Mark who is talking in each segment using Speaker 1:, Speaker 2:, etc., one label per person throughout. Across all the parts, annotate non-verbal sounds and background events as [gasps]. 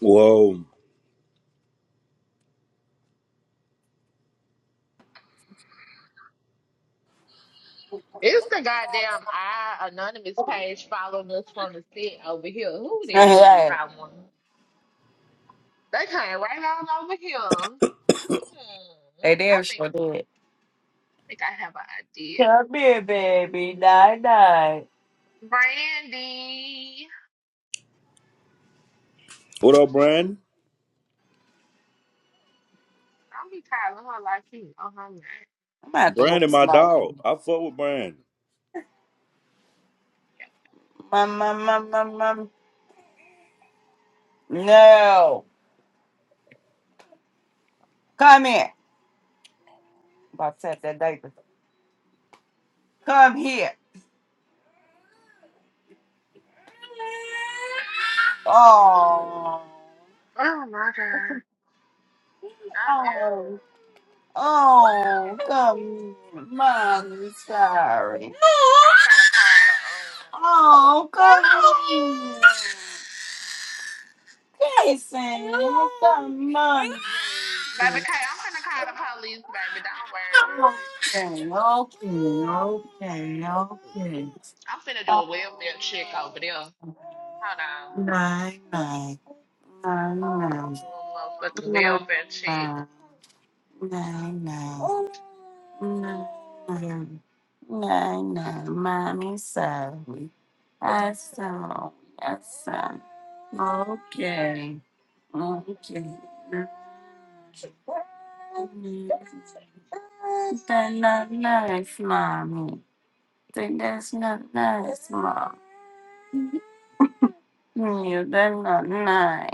Speaker 1: Whoa.
Speaker 2: It's the goddamn I anonymous page following us from the set over here. Who that is?
Speaker 3: Right.
Speaker 2: I wonder. They came right on over here. Hmm.
Speaker 3: They
Speaker 2: I
Speaker 3: damn
Speaker 2: think
Speaker 3: sure did.
Speaker 2: think I have an idea.
Speaker 3: Come here, baby. Die, die.
Speaker 2: Brandy.
Speaker 1: What up, Brand?
Speaker 2: I'll be calling her like you on her name.
Speaker 3: I'm gonna have to whoop
Speaker 1: Brandon, my
Speaker 3: somebody.
Speaker 1: dog. I fuck with Brandon.
Speaker 3: Mum, mum, mum, mum, mum. No. Come here. about to tap that diaper. Come here. Oh.
Speaker 2: Oh my god. I am.
Speaker 3: Oh. Oh. Come here. Mommy, sorry.
Speaker 2: I'm finna call the um
Speaker 3: Oh, come here. Jason. Come on.
Speaker 2: Baby K, I'm finna call the police, baby. Don't worry.
Speaker 3: Okay, okay, okay, okay.
Speaker 2: I'm finna do a welfare check over there. Hold on.
Speaker 3: Nine, nine, nine, nine,
Speaker 2: Do a
Speaker 3: nine,
Speaker 2: motherfucking welfare check.
Speaker 3: nine, nine, nine, nine, nine, nine. nine. Mommy, sorry. I saw, I saw. Okay, okay. That's not nice, mommy. think that's not nice, Mom. You, that's not nice.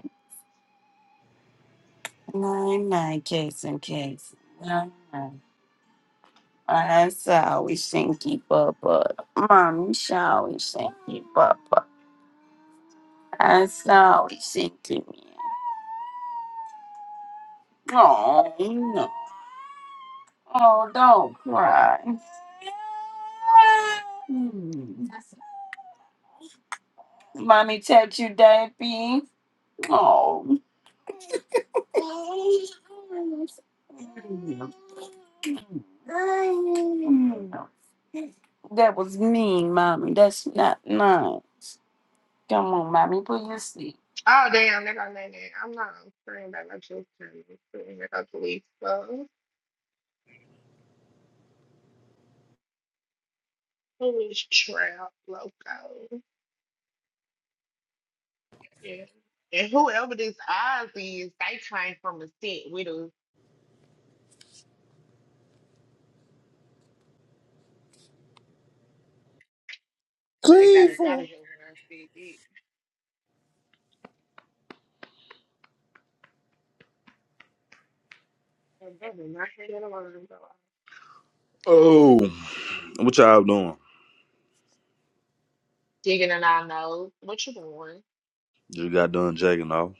Speaker 3: Nine, nine, Jason, Jason. Nine, nine. I saw we shinky bubba. Mommy saw we shinky bubba. I saw we shinky me. Oh, no. Oh, don't cry. Hmm. Mommy touch you, Daddy. Oh. That was mean, mommy. That's not nice. Come on, mommy, put your sleep.
Speaker 2: Oh damn, they're gonna name it. I'm not worrying about my children. I'm worrying about the police. So who is Trap Loco? Yeah. And whoever this Oz is, they came from a set with us. They got us out of
Speaker 1: Cleveland.
Speaker 2: here when I said it. And brother, my head in the room, bro.
Speaker 1: Oh. What y'all doing?
Speaker 2: Digging in our nose. What you doing?
Speaker 1: Just got done jacking off.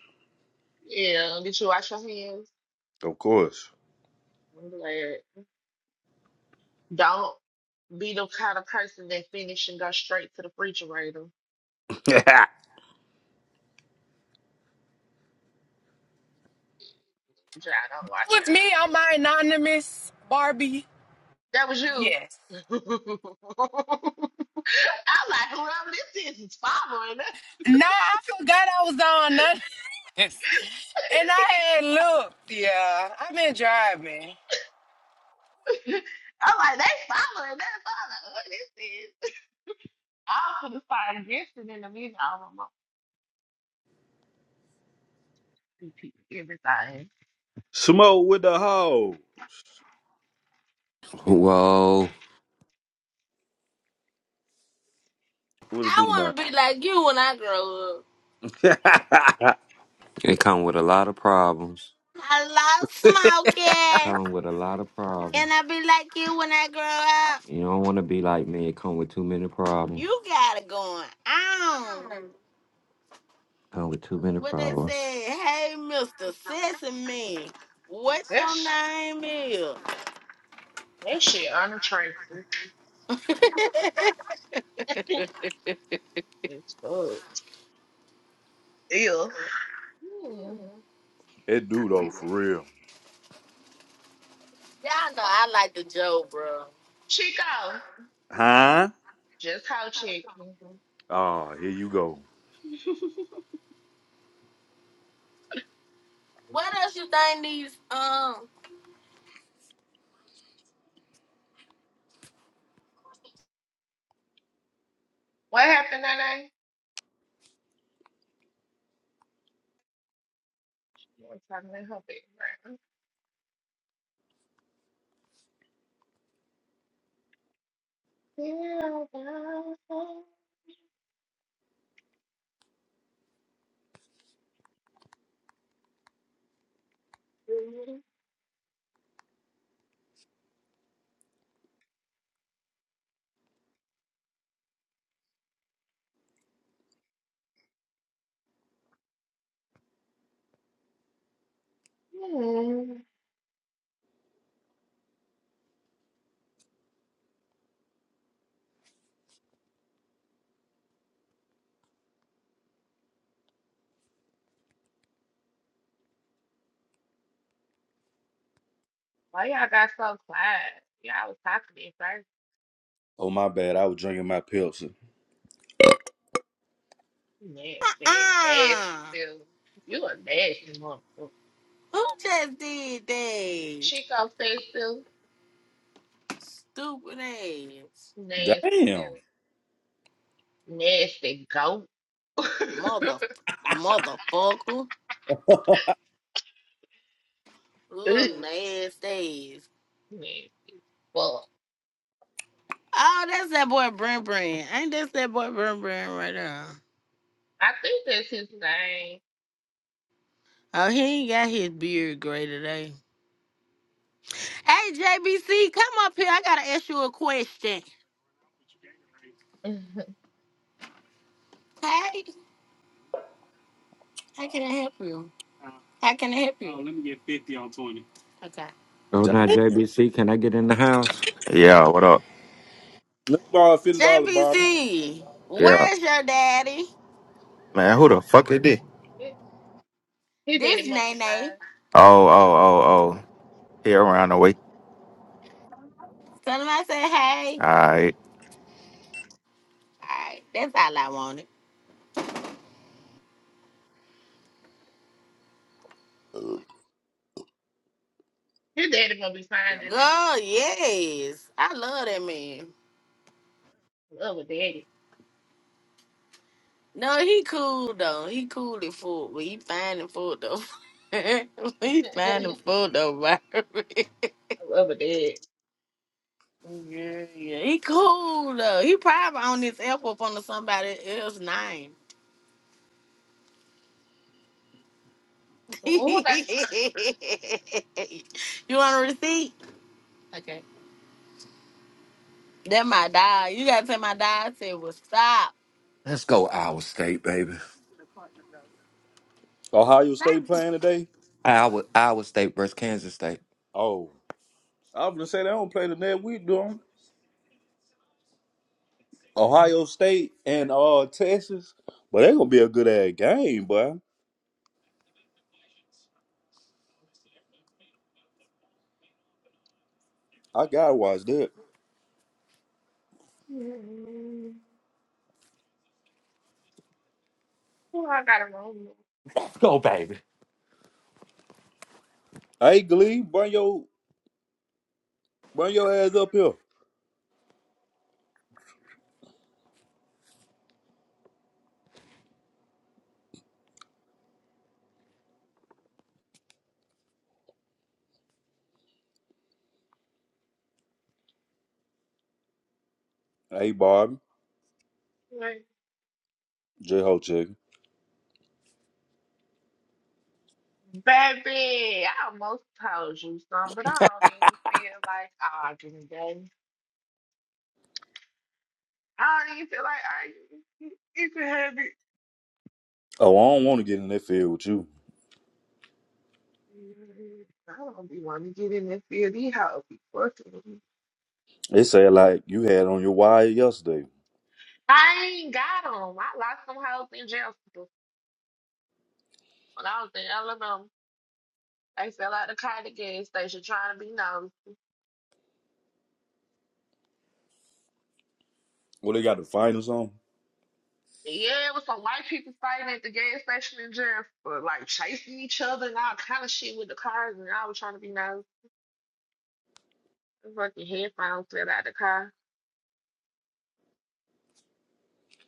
Speaker 2: Yeah, did you wash your hands?
Speaker 1: Of course.
Speaker 2: I'm glad. Don't be the kind of person that finish and go straight to the refrigerator.
Speaker 1: [laughs]
Speaker 2: Yeah, I don't wash
Speaker 4: with me
Speaker 2: your
Speaker 4: on
Speaker 2: hands.
Speaker 4: my anonymous Barbie.
Speaker 2: That was you.
Speaker 4: Yes.
Speaker 2: [laughs] I'm like, whoever this is is following us.
Speaker 4: Nah, I forgot I was on none. [laughs] And I had looked. Yeah, I've been driving.
Speaker 2: [laughs] I'm like, they following us. I don't know who this is. I'm gonna start investing in the music. I want my repeat everything.
Speaker 1: Smoke with the hoe.
Speaker 5: Well,
Speaker 1: What it
Speaker 6: I
Speaker 1: do, man?
Speaker 6: want to be like you when I grow up.
Speaker 1: [laughs]
Speaker 5: it come with a lot of problems.
Speaker 6: I love smoking,
Speaker 5: Come with a lot of
Speaker 6: and
Speaker 5: problems.
Speaker 6: I be like you when I grow up.
Speaker 5: You don't want to be like me. It come with too many problems.
Speaker 6: You got it going on.
Speaker 5: Come with too many
Speaker 6: What they
Speaker 5: problems.
Speaker 6: say? Hey, Mister Sesame, what
Speaker 2: That
Speaker 6: your
Speaker 2: sh-
Speaker 6: name is? [laughs]
Speaker 2: that shit unattractive. It's fucked. Ew. Hmm.
Speaker 1: it do though, for real.
Speaker 6: Y'all know I like the joke, bro.
Speaker 2: Chico,
Speaker 1: Huh?
Speaker 2: just how chicken.
Speaker 1: Oh, here you go.
Speaker 2: [laughs]
Speaker 6: What else you think these um?
Speaker 2: what happened, Nene? What's happening? Her background. Mm. Why y'all got so quiet? Y'all was talking at first.
Speaker 1: Oh my bad. I was drinking my Pepsi.
Speaker 2: Nasty, nasty
Speaker 6: Uh-uh.
Speaker 2: still. You a nasty motherfucker.
Speaker 6: Who just did that?
Speaker 2: Chico said still.
Speaker 6: Stupid ass
Speaker 2: Nasty
Speaker 1: Damn.
Speaker 2: still. Nasty goat. [laughs]
Speaker 6: mother motherfucker.
Speaker 1: [laughs]
Speaker 6: Little
Speaker 2: Ew,
Speaker 6: last days.
Speaker 2: Nasty fuck.
Speaker 6: Oh, that's that boy Brent Brent. Ain't that that boy Brent Brent right there?
Speaker 2: I think that's his name.
Speaker 6: Oh, he ain't got his beard gray today. Hey, JBC, come up here. I gotta ask you a question.
Speaker 2: [laughs]
Speaker 6: Hey, how can I help you? How can I help you? Oh, let me get 50 on 20. Okay.
Speaker 5: Oh,
Speaker 1: Damn.
Speaker 5: now JBC, can I get in the house?
Speaker 7: Yeah, what up?
Speaker 1: Let's borrow a fifty dollar bottle.
Speaker 6: JBC,
Speaker 7: Yeah.
Speaker 6: where's your daddy?
Speaker 7: Man, who the fuck is this?
Speaker 2: his his
Speaker 6: This
Speaker 2: daddy must be
Speaker 6: Nene.
Speaker 2: fine.
Speaker 7: Oh, oh, oh, oh. Here around the way.
Speaker 6: Tell him I said hey.
Speaker 7: All right.
Speaker 6: All right, that's all I wanted.
Speaker 2: His daddy must be fine in there.
Speaker 6: Oh, yes. I love that man.
Speaker 2: I Love a daddy.
Speaker 6: No, he cool though. He cool and full, but he fine and full though. [laughs] he
Speaker 2: [laughs] I
Speaker 6: fine and full though, Byron. [laughs]
Speaker 2: love a dad.
Speaker 6: Yeah, yeah, he cool though. He probably on this F up under somebody else name. [laughs] you
Speaker 2: Who I,
Speaker 6: want a receipt? Okay. That my dog. You gotta tell my dog. I said, "Well, stop."
Speaker 5: Let's go Iowa State, baby.
Speaker 1: Ohio
Speaker 6: Stop.
Speaker 1: State playing today?
Speaker 5: Iowa, Iowa State versus Kansas State.
Speaker 1: Oh. I was gonna say they don't play the next week, do do 'em? Ohio State and uh Texas, but they gonna be a good ass game, boy. I gotta watch that.
Speaker 2: who I got a room with?
Speaker 5: Let's go, baby.
Speaker 1: Hey, Glee, bring your bring your ass up here. Hey, Barbie,
Speaker 2: Like,
Speaker 1: J Ho chicken.
Speaker 2: Baby, I almost told you something, but I don't even feel like arguing today. I don't even feel like arguing. You you can have it.
Speaker 1: Oh, I don't want to get in that field with you.
Speaker 2: I don't be wanting to get in this field. These hoes be fucking with me.
Speaker 1: They said like you had on your wire yesterday.
Speaker 2: I ain't got 'em. I lost some hoes in jail school. when I was in Alabama. They fell out the car at the gas station trying to be nosy.
Speaker 1: Well, they got the finals on.
Speaker 2: Yeah, it was some white people fighting at the gas station in jail for like chasing each other and all kind of shit with the cars, and I was trying to be nosy. The fucking headphones fell out the car.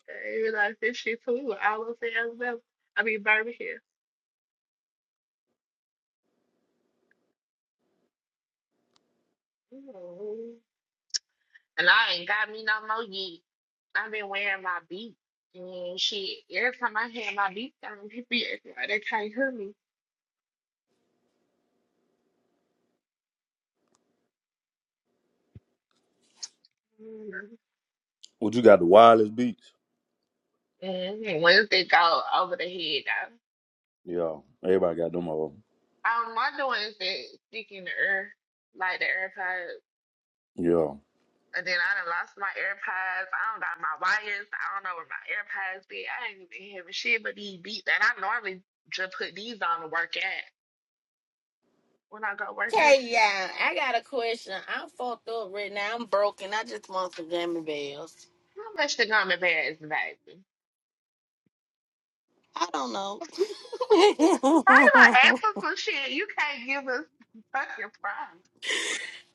Speaker 2: I didn't realize this shit flew all over to Alabama. I mean Birmingham. mm And I ain't got me no more yet. I've been wearing my beat and shit. Every time I have my beat on, people be acting like they can't hear me. mm
Speaker 1: Well, you got the wireless beats.
Speaker 2: And Wednesday go over the head though.
Speaker 1: Yeah, everybody got them on.
Speaker 2: Um, my doing is that stick in the air, like the AirPods.
Speaker 1: Yeah.
Speaker 2: And then I done lost my AirPods. I don't got my wires. I don't know where my AirPods be. I ain't even hearing shit but these beats. And I normally just put these on to work at when I go work at.
Speaker 6: Okay, yeah. I got a question. I'm fucked up right now. I'm broken. I just want some jammy bells.
Speaker 2: How much the gummy bear is baby?
Speaker 6: I don't
Speaker 2: [laughs]
Speaker 6: know. I
Speaker 2: How you gonna ask us for [laughs] shit? You can't give us fucking price.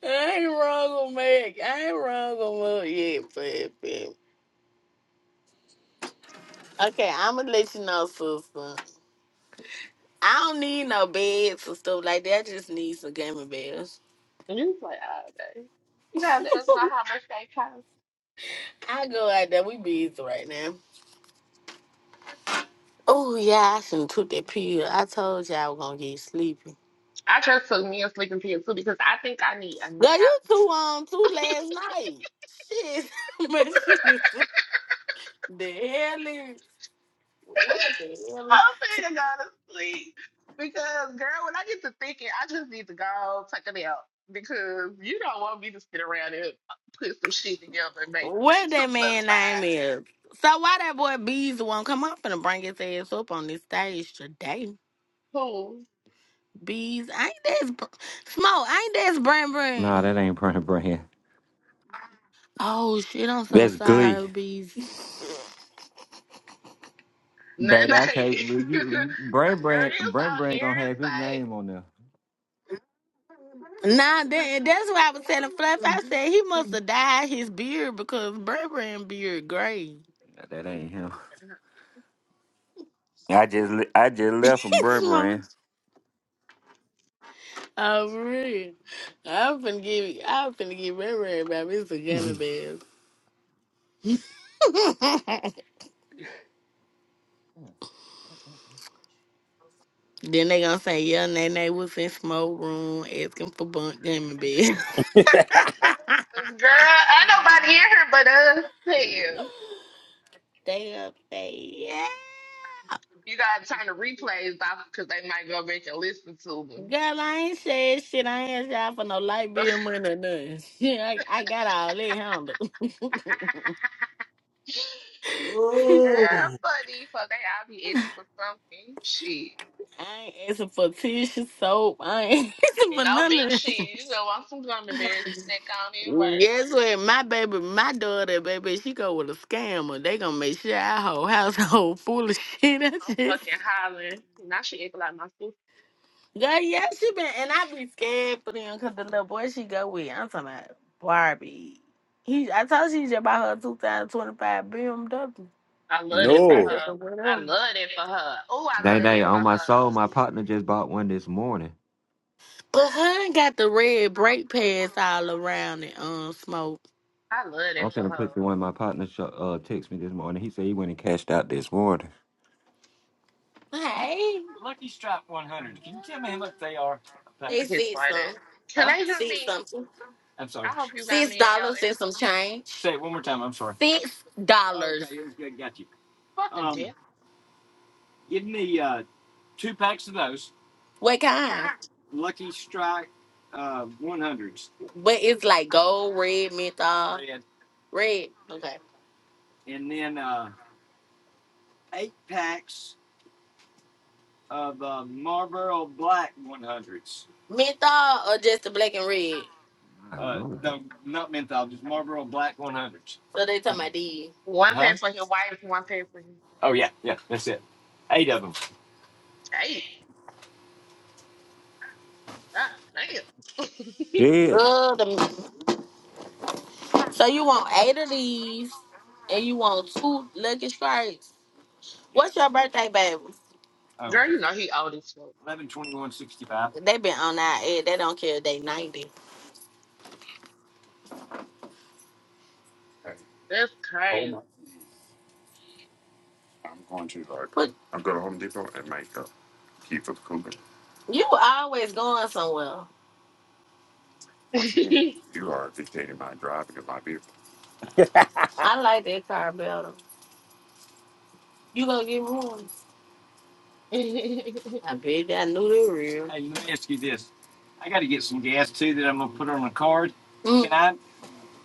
Speaker 6: ain't wrong with Meg. I ain't wrong with Meg yet, baby. Okay, I'ma let you know, sister. I don't need no beds or stuff like that. I just need some gaming beds.
Speaker 2: And you play all day. You gotta let us know how much they cost.
Speaker 6: I go out there. We busy right now. Oh yeah, I shouldn't took that pill. I told you I was gonna get sleepy.
Speaker 2: I just took me a sleeping pill too because I think I need a
Speaker 6: Girl,
Speaker 2: nap
Speaker 6: you too um too last night. Shit, [laughs] man, shit is the hell is what the hell
Speaker 2: I'm finna go to sleep because, girl, when I get to thinking, I just need to go take a nap because you don't want me to sit around and put some shit together and make
Speaker 6: What
Speaker 2: two
Speaker 6: that
Speaker 2: plus
Speaker 6: man name
Speaker 2: five.
Speaker 6: is. So why that boy Bees won't come? I'm finna bring his ass up on this stage today.
Speaker 2: Who?
Speaker 6: Bees, ain't that's Br- smoke? Ain't that's Brand
Speaker 5: Nah,
Speaker 6: Brand?
Speaker 5: that ain't Brand Brand.
Speaker 6: Oh shit, I'm so
Speaker 5: That's Glee.
Speaker 6: sorry, Bees.
Speaker 2: Nine,
Speaker 5: That I can't.
Speaker 2: eight.
Speaker 5: believe
Speaker 2: [laughs] girl,
Speaker 5: you- Brand
Speaker 2: you
Speaker 5: Brand Brand
Speaker 2: so
Speaker 5: Brand gonna have his
Speaker 2: irritating.
Speaker 5: name on there.
Speaker 6: Nah, that, that's why I was telling Fluff. I said he must
Speaker 5: Nah,
Speaker 6: have dyed his beard because Brand Brand beard gray.
Speaker 5: That
Speaker 2: It's
Speaker 5: ain't him.
Speaker 2: okay.
Speaker 5: I just le- I just
Speaker 6: [laughs]
Speaker 5: left from
Speaker 6: Smoke.
Speaker 5: Burberry.
Speaker 6: Oh, for real. I'm finna give I'm finna give Brand Brand about Mr. Gummy Bears. [laughs] Then they gonna say, yeah, Nene was in smoke room asking for bunk gummy bears.
Speaker 1: [laughs]
Speaker 6: [laughs]
Speaker 2: Girl, ain't nobody in here but us. Hell,
Speaker 6: they gonna say, yeah.
Speaker 2: You gotta turn the replays off because they might go back and listen to
Speaker 6: Girl, I ain't said shit. I ain't asked y'all for no light
Speaker 2: them.
Speaker 6: bill money or nothing. [laughs] I, I got all that handled. [laughs]
Speaker 2: [laughs] Girl,
Speaker 1: Oh.
Speaker 2: funny fuck, they all be itching for something. Shit.
Speaker 6: I ain't asking for tissue, soap. I ain't [laughs] asking for
Speaker 2: No
Speaker 6: none
Speaker 2: big
Speaker 6: of this.
Speaker 2: shit. You gonna want some gummy bears snack on in word.
Speaker 6: Guess what? My baby, my daughter, baby, she go with a scammer. They gonna make sure our whole household [laughs] full of shit. [laughs] I
Speaker 2: I'm
Speaker 6: just
Speaker 2: fucking hollering. Now she acting like my sister.
Speaker 6: Girl, yeah, she been, and I be scared for them because the little boy she go with, I'm talking about Barbie. He, I told she just bought her 2025 BMW.
Speaker 2: I love it for
Speaker 1: no.
Speaker 6: Mercedes or
Speaker 2: her.
Speaker 6: whatever.
Speaker 2: I love it for her. Oh, I love
Speaker 5: Dang, dang,
Speaker 2: it for
Speaker 5: on my
Speaker 2: her.
Speaker 5: soul, my partner just bought one this morning.
Speaker 6: But her got the red brake pads all around it, um, smoke.
Speaker 2: I love it
Speaker 5: I'm
Speaker 2: for
Speaker 5: finna
Speaker 2: her.
Speaker 5: put the one my partner sho- uh, text me this morning. He said he went and cashed out this morning.
Speaker 6: Hey. about one hundred. Can you tell me how
Speaker 2: Mm,
Speaker 6: much They are?
Speaker 2: Look at
Speaker 6: It's
Speaker 2: his
Speaker 6: six
Speaker 2: white
Speaker 6: some.
Speaker 2: ass. Can
Speaker 6: Huh?
Speaker 2: they hear
Speaker 6: Six
Speaker 2: me?
Speaker 6: something. I'm sorry.
Speaker 2: I hope you got
Speaker 6: Six
Speaker 2: me in your
Speaker 6: dollars
Speaker 2: ear.
Speaker 6: and some change. Say it one more time. I'm sorry. Six dollars. Okay, it's good. Got you.
Speaker 2: Fucking
Speaker 6: Um,
Speaker 2: death.
Speaker 6: give me uh. two packs of those What kind? Lucky Strike uh, 100s, But
Speaker 2: Mm.
Speaker 6: it's like gold, red, menthol, red, red. Okay. and then uh, eight packs of uh, Marlboro Black 100s. Menthol or just the black and red?
Speaker 5: My
Speaker 6: Uh,
Speaker 5: lord.
Speaker 6: no, not menthol, just Marlboro Black 100s. So they talking about these.
Speaker 2: One
Speaker 6: Huh?
Speaker 2: pair for his wife, one pair for his.
Speaker 6: Oh yeah, yeah, that's it. Eight of them.
Speaker 2: Hey, God damn.
Speaker 5: Shit.
Speaker 6: Love them. So you want eight of these? and you want two Lucky Strikes. What's your birthday, baby?
Speaker 2: [laughs]
Speaker 6: Oh,
Speaker 2: Girl, you know he old as fuck.
Speaker 6: eleven twenty one sixty five. They been on our head. They don't care if they 90. Hey,
Speaker 2: That's
Speaker 6: hold my!
Speaker 2: crazy.
Speaker 6: I'm going too hard. Put. I'm going to Home Depot and make up keep for the cooler. you always going somewhere. Once again,
Speaker 2: [laughs] oh,
Speaker 6: you are dictating my driving and my vehicle.
Speaker 1: [laughs]
Speaker 6: I like that car better. You gonna get one?
Speaker 2: he
Speaker 6: I bet I knew they were real. Hey, let me ask you this. I got to get some gas too that I'm gonna put on the card. Mm. Can I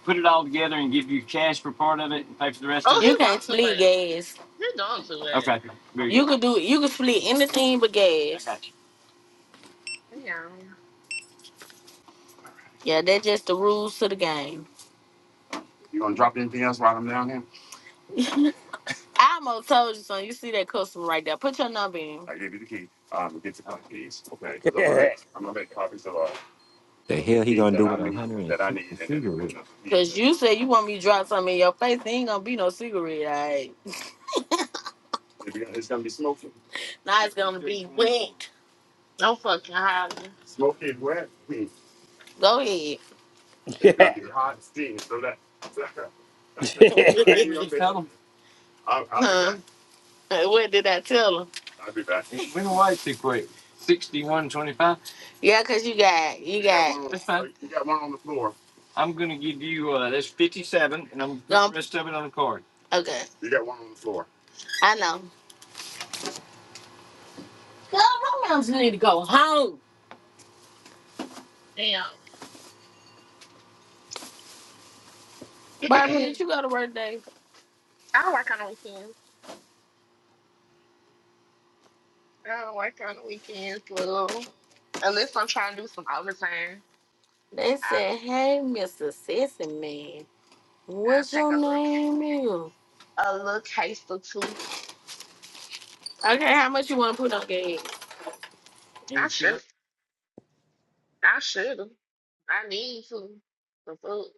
Speaker 6: put it all together and give you cash for part of it and pay for the rest of it? You can't
Speaker 2: wants too
Speaker 6: split
Speaker 2: much.
Speaker 6: gas.
Speaker 2: He doing too
Speaker 6: Okay,
Speaker 2: much.
Speaker 6: very You good. could do you could split anything but I gas. got you.
Speaker 2: Damn.
Speaker 6: Yeah, that's just the rules to the game. You gonna drop anything else while I'm down here? I almost told you something. You see that customer right there. Put your number in. I gave you the key. Um, get the car keys, okay? Because I'm gonna make I'm gonna make copies of, uh,
Speaker 5: The
Speaker 6: of the
Speaker 5: hell he
Speaker 6: keys
Speaker 5: gonna
Speaker 6: that
Speaker 5: do
Speaker 6: I
Speaker 5: with
Speaker 6: need that I need
Speaker 5: 160
Speaker 6: and the, and the
Speaker 5: cigarettes?
Speaker 6: keys. Cause you said you want me to drop something in your face. There ain't gonna be no cigarette, all right? It's gonna be smoking. Now it's gonna be wet.
Speaker 2: No fucking holler.
Speaker 6: Smoking wet meat Go ahead. is gonna be hot steam. So that [laughs] I ain't gonna you be. tell them? I'll, I'll be huh? back. What did I tell him? I'll be back. It went away too quick. Sixty-one twenty-five. Yeah, cause you got you You got got one on. That's fine. oh, You got one on the floor. I'm gonna give you uh, that's fifty-seven, and I'm gonna put the um. rest of it on the card. Okay, You got one on the floor. I know. Girl, my moms need to go home.
Speaker 2: Damn. [clears throat]
Speaker 6: Barbara, did
Speaker 2: I
Speaker 6: you go to work today?
Speaker 2: don't work on the weekends. I don't work on the weekends, little. Unless I'm trying to do some overtime.
Speaker 6: They
Speaker 2: I
Speaker 6: said, "Hey, Mr. Sissy Man."
Speaker 2: I
Speaker 6: What's
Speaker 2: take
Speaker 6: your
Speaker 2: a look
Speaker 6: name is?
Speaker 2: a little taste or two.
Speaker 6: Okay, how much you want to put on game?
Speaker 2: I
Speaker 6: And can I
Speaker 2: should I should I need to. The food.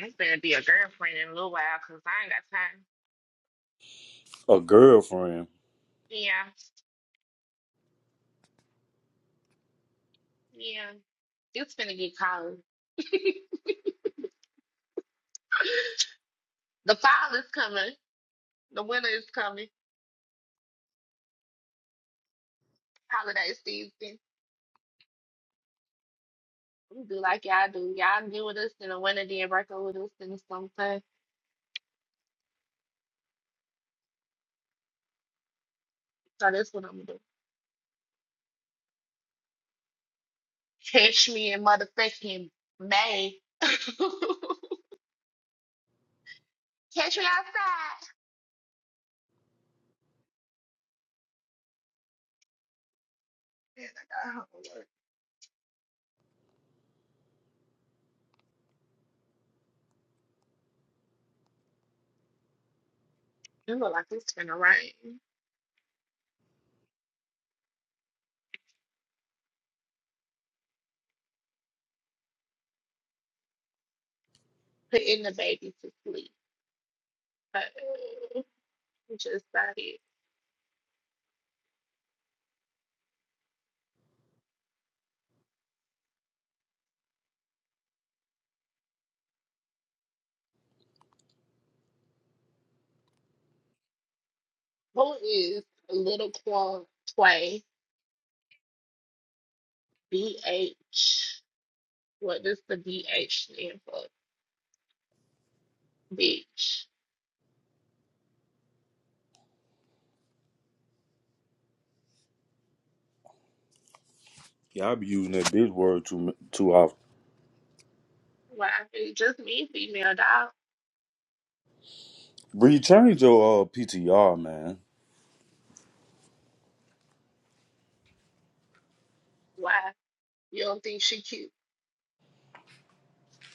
Speaker 2: I'm gonna be a girlfriend in a little while because I ain't got time.
Speaker 1: a girlfriend.
Speaker 2: Yeah. Yeah. It's gonna get cold. The fall is coming. The winter is coming. Holiday season. We do like y'all do. Y'all get with us in the winter, then break up with us in the summertime. So that's what I'm gonna do. Catch me in motherfucking May. [laughs] Catch me outside. Man, I got homework. It look like it's gonna rain. Putting the baby to sleep. uh, just about it. Who is Little Quan Tway? BH. What does the BH stand for? Bitch.
Speaker 1: Yeah, I be using that bitch word too too often.
Speaker 2: Why? It's just me, female dog.
Speaker 1: Bree, change your uh, PTR, man.
Speaker 2: Why? You don't think she cute?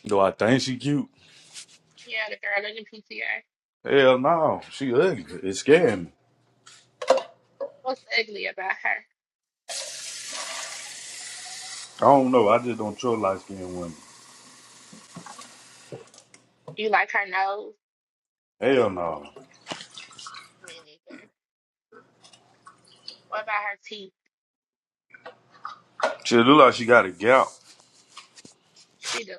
Speaker 1: Do I think she cute?
Speaker 2: Yeah, the girl in the PTA.
Speaker 1: Hell no, she ugly. It's scaring me.
Speaker 2: What's ugly about her?
Speaker 1: I don't know. I just don't trust light skinned women.
Speaker 2: You like her nose?
Speaker 1: Hell no.
Speaker 2: Me neither. What about her teeth?
Speaker 1: She look like she got a gout.
Speaker 2: She do.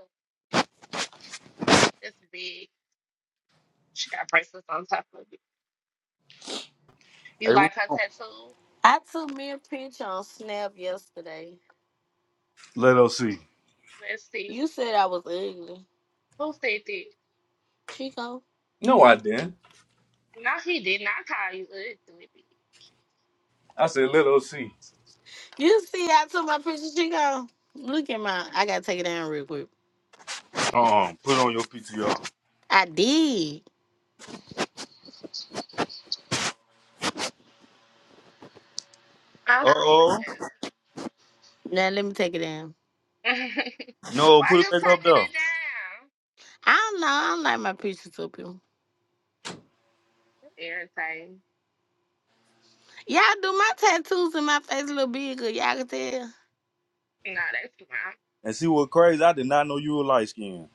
Speaker 2: It's big. She got bracelets on top of it. You
Speaker 1: Hey,
Speaker 2: like
Speaker 1: what's
Speaker 2: her
Speaker 1: wrong?
Speaker 2: tattoo?
Speaker 6: I took me a picture on Snap yesterday.
Speaker 1: Let her see.
Speaker 2: Let's see.
Speaker 6: You said I was ugly,
Speaker 2: Who said that?
Speaker 6: Chico.
Speaker 1: No, I didn't.
Speaker 2: No, he did not call you ugly.
Speaker 1: I said let her see.
Speaker 6: You see, I took my picture, Chico. Look at my. I gotta take it down real quick.
Speaker 1: Um, put on your PTR.
Speaker 6: I did.
Speaker 2: I'm
Speaker 1: Uh
Speaker 2: saying
Speaker 1: oh.
Speaker 6: Now let me take it down.
Speaker 2: that. [laughs]
Speaker 1: No,
Speaker 2: Why
Speaker 1: put it
Speaker 2: you
Speaker 1: back up
Speaker 2: taking
Speaker 1: there.
Speaker 2: it down?
Speaker 6: I don't know. I don't like my pictures up here.
Speaker 2: That's Irritating.
Speaker 6: Y'all do my tattoos and my face a little bigger. Y'all can tell.
Speaker 2: No, that's not.
Speaker 1: And see what crazy? I did not know you were light skinned.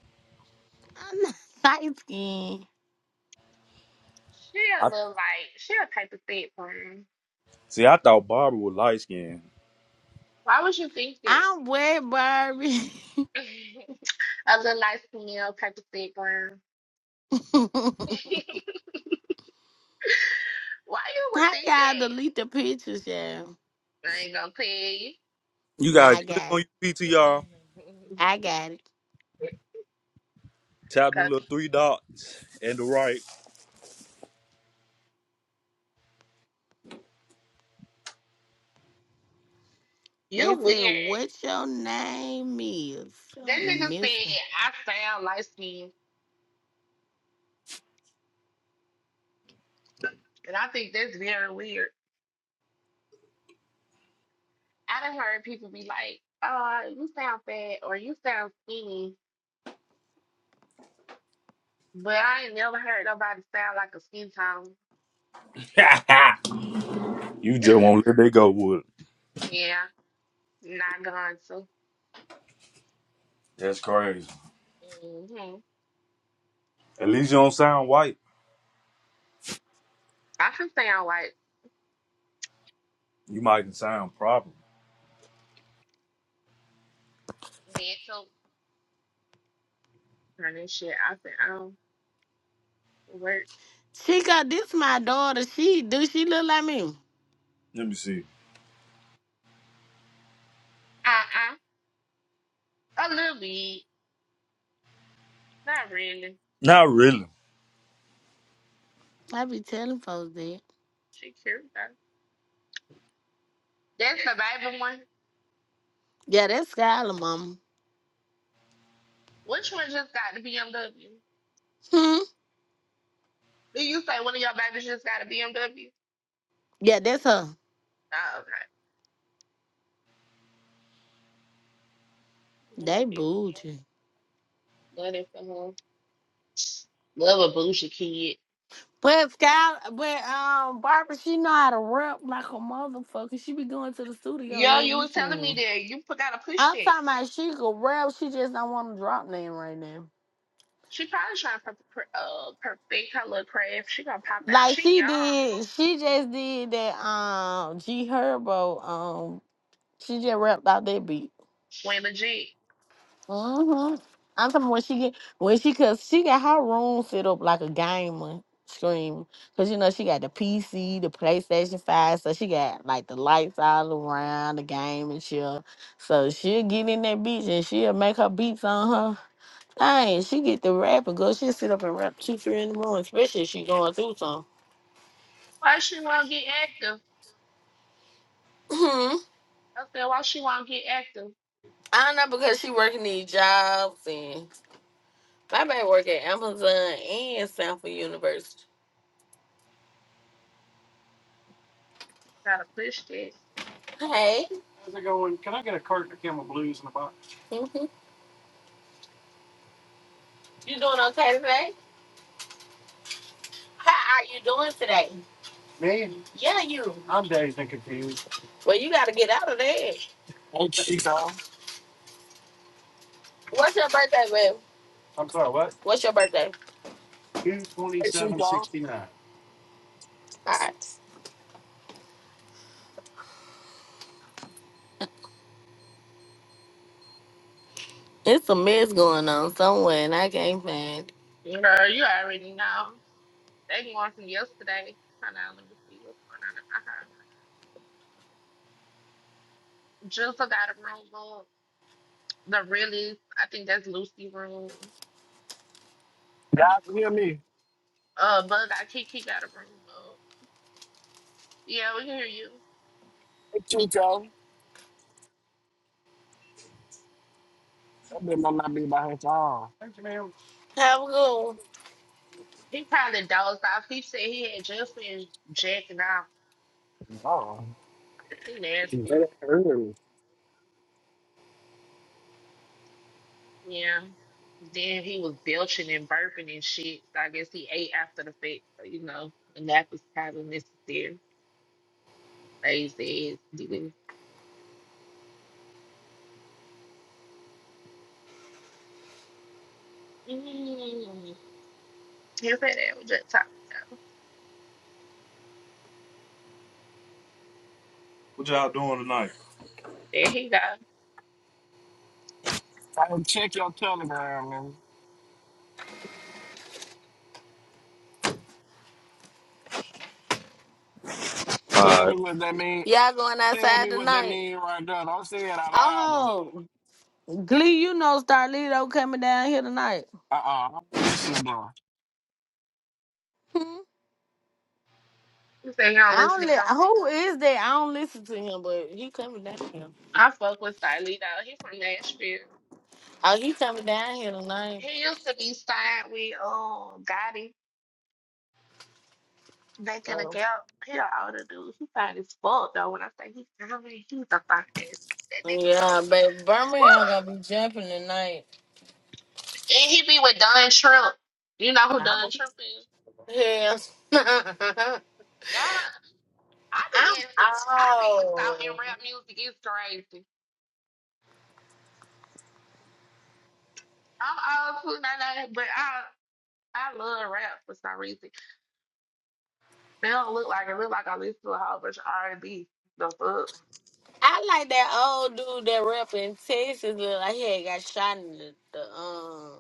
Speaker 6: I'm not [laughs] light skin.
Speaker 2: She a
Speaker 1: I
Speaker 2: little like she a type of thick one.
Speaker 1: see. I thought Barbara was light skinned.
Speaker 2: Why would you think that?
Speaker 6: I'm wet, Barbie.
Speaker 2: [laughs] A little nice female, perfect thick brown. [laughs]
Speaker 6: [laughs]
Speaker 2: Why you
Speaker 6: How
Speaker 2: would think
Speaker 6: y'all
Speaker 2: that?
Speaker 6: delete the pictures, y'all?
Speaker 2: I ain't gonna tell you.
Speaker 1: You
Speaker 6: Nah,
Speaker 1: gotta
Speaker 6: I
Speaker 1: click
Speaker 6: got
Speaker 1: on
Speaker 6: it.
Speaker 1: your PTR
Speaker 2: [laughs]
Speaker 6: I got it.
Speaker 1: Tap them
Speaker 2: 'Cause
Speaker 1: little three dots and the right.
Speaker 6: They
Speaker 2: you weird.
Speaker 6: said, what your name is?
Speaker 2: That
Speaker 6: I'm
Speaker 2: nigga said
Speaker 6: missing.
Speaker 2: I sound light skinned, and I think that's very weird. I done heard people be like, "Oh, you sound fat or you sound skinny," but I ain't never heard nobody sound like a skin tone.
Speaker 1: [laughs] you just
Speaker 2: [laughs]
Speaker 1: won't let that go with it.
Speaker 2: yeah, not going to.
Speaker 1: That's crazy.
Speaker 2: hmm
Speaker 1: At least you don't sound white.
Speaker 2: I can sound white.
Speaker 1: You might can sound proper.
Speaker 2: That too. turn this shit out the out work.
Speaker 6: Chica, this my daughter. She do she look like me?
Speaker 1: Let me see.
Speaker 2: Uh uh. A little bit. Not really.
Speaker 1: Not really.
Speaker 6: I be telling folks that.
Speaker 2: She cute though. That's the baby one.
Speaker 6: Yeah, that's Skylar, mama.
Speaker 2: Which one just got the BMW?
Speaker 6: Hmm.
Speaker 2: Do you say one of your babies just got a BMW?
Speaker 6: Yeah, that's her.
Speaker 2: Oh, okay. Love her
Speaker 6: They
Speaker 2: business.
Speaker 6: bougie.
Speaker 2: Love it for her. Love a bougie kid.
Speaker 6: But Skylar, but um, Barbara, she know how to rap like a motherfucker. She be going to the studio
Speaker 2: Yo,
Speaker 6: every
Speaker 2: you was telling me
Speaker 6: weekend.
Speaker 2: that you put- gotta push
Speaker 6: I'm
Speaker 2: that.
Speaker 6: talking about she could rap. She just don't want to drop name right now.
Speaker 2: She probably trying to per- per- uh, perfect her little craft. She gonna pop out.
Speaker 6: Like
Speaker 2: She
Speaker 6: she
Speaker 2: young too.
Speaker 6: did, she just did that um G Herbo um she just rapped out that beat.
Speaker 2: When legit.
Speaker 6: hmm I'm talking when she get when she cause she got her room set up like a gamer scream. Cause you know she got the PC, the PlayStation 5, so she got like the lights all around the game and shit. So she'll get in that beach and she'll make her beats on her thing. She get the rap and go she'll sit up and rap two, three in the morning, especially if she going through something.
Speaker 2: Why she won't get active?
Speaker 6: Mm-hmm.
Speaker 2: I said, why she won't get active?
Speaker 6: I know because she working these jobs and my baby work at Amazon and Stanford University.
Speaker 2: Try to push it.
Speaker 6: Hey, hmm you doing okay today? How are you doing today? Yeah, you. Well, you got to get out of there.
Speaker 8: Hey Chico.
Speaker 6: What's your birthday, babe? What's your birthday?
Speaker 8: Hey Chico.
Speaker 6: All right. It's a mess going on somewhere and I can't find it.
Speaker 2: Girl, you already know. They going from yesterday. Hold on, let me see what's going on in my house. Jizzle got a room book. The realest, I think that's Lucy room.
Speaker 8: Y'all hear me.
Speaker 2: Uh, Bug Eye Kiki got a room book. Yeah, we can hear you.
Speaker 8: Hey Chico. That bitch might not be by her phone.
Speaker 6: Have a good one.
Speaker 2: He probably dozed off. He said he had just been jacking off.
Speaker 8: No.
Speaker 2: He nasty.
Speaker 8: That early.
Speaker 2: Yeah. Then he was belching and burping and shit. So I guess he ate after the fact. So, you know, a nap is probably necessary. Lazy ass nigga. Mm. He said that was just talking though.
Speaker 1: What y'all doing tonight?
Speaker 2: There he go.
Speaker 8: I can check your telegram and
Speaker 1: All
Speaker 8: tell me
Speaker 1: right.
Speaker 8: what that mean.
Speaker 6: Y'all going
Speaker 8: Tell
Speaker 6: outside
Speaker 8: me what that
Speaker 6: tonight?
Speaker 8: mean right there. Don't say it out loud though.
Speaker 6: Oh, Glee, you know Starlito coming down here tonight.
Speaker 8: Uh-uh. I'm listening to
Speaker 2: He said he don't
Speaker 6: I
Speaker 2: listen
Speaker 6: don't
Speaker 2: to
Speaker 6: li-
Speaker 2: him.
Speaker 6: who is that? I don't listen to him, but he coming down here.
Speaker 2: I fuck with Stylee though. He from Nashville.
Speaker 6: Oh, he coming down here tonight.
Speaker 2: He used to be signed with oh Gotti back in the
Speaker 6: Oh.
Speaker 2: gap. He an older dude. He fine as fuck though. When I say he, fine, he's a fine ass. That nigga so
Speaker 6: Yeah, but
Speaker 2: Woo!
Speaker 6: Birmingham gonna be jumping tonight.
Speaker 2: And he be with Don Trump. You know who
Speaker 6: I'm
Speaker 2: Don Trump is?
Speaker 6: Yes. [laughs] I'm
Speaker 2: Y'all, I be in, I be stalking
Speaker 6: old.
Speaker 2: rap music. It's crazy. I'm old too, nah, nah, but I, I love rap for some reason. They don't look like it. Look like I listen to a whole bunch of R and B. The fuck?
Speaker 6: I like that old dude that rap in Texas look like he had got shot in the, the um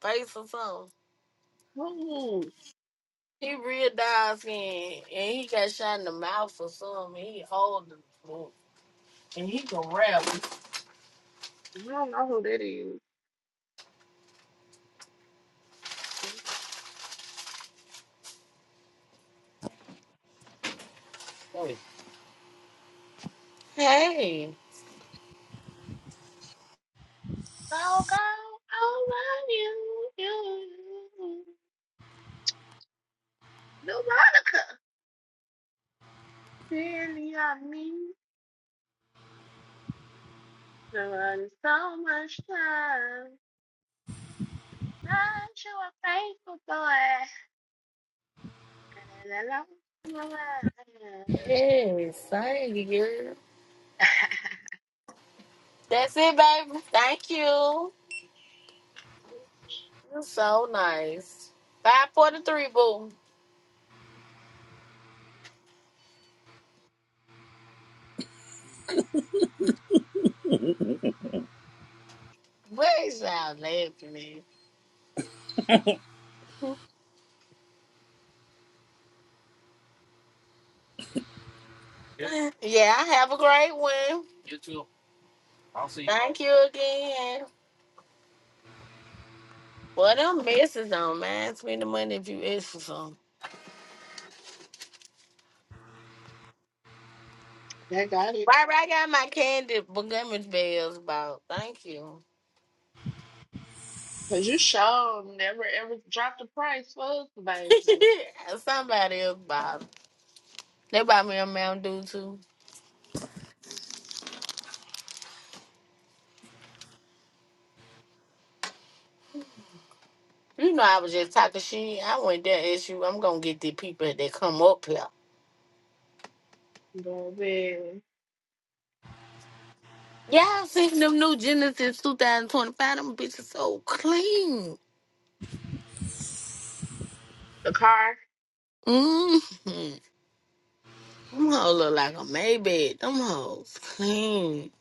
Speaker 6: face or something.
Speaker 2: Ooh,
Speaker 6: He real dark skin and he got shot in the mouth or something. He old as fuck, and he can rap.
Speaker 2: I don't know who that is. It's
Speaker 6: Hey.
Speaker 2: So go over you, you, Veronica. Really on me. There was so much time. Aren't you a faithful boy?
Speaker 6: Yes, thank you.
Speaker 2: [laughs]
Speaker 6: That's it, baby. Thank you. You're so nice. 543, boo. What is y'all laughing at? Yeah, Yeah, have a great one. You you. too. I'll see you. Thank you again. Well, them messes don't mind. Spend the money if you ask for some.
Speaker 2: They got it.
Speaker 6: Right, right, I got my candy Montgomery bells bought. Thank you.
Speaker 2: Cause you sure never ever dropped the price for us, baby.
Speaker 6: [laughs] Somebody else bought. They bought me a Mountain Dew, too. You know, I was just talking shit. I went there and asked you, I'm going to get the people that come up here.
Speaker 2: But then
Speaker 6: Yeah, I seen them new Genesis 2025. Them bitches so clean.
Speaker 2: the car.
Speaker 6: Mm-hmm. Them hoes look like a Maybach. Them hoes clean.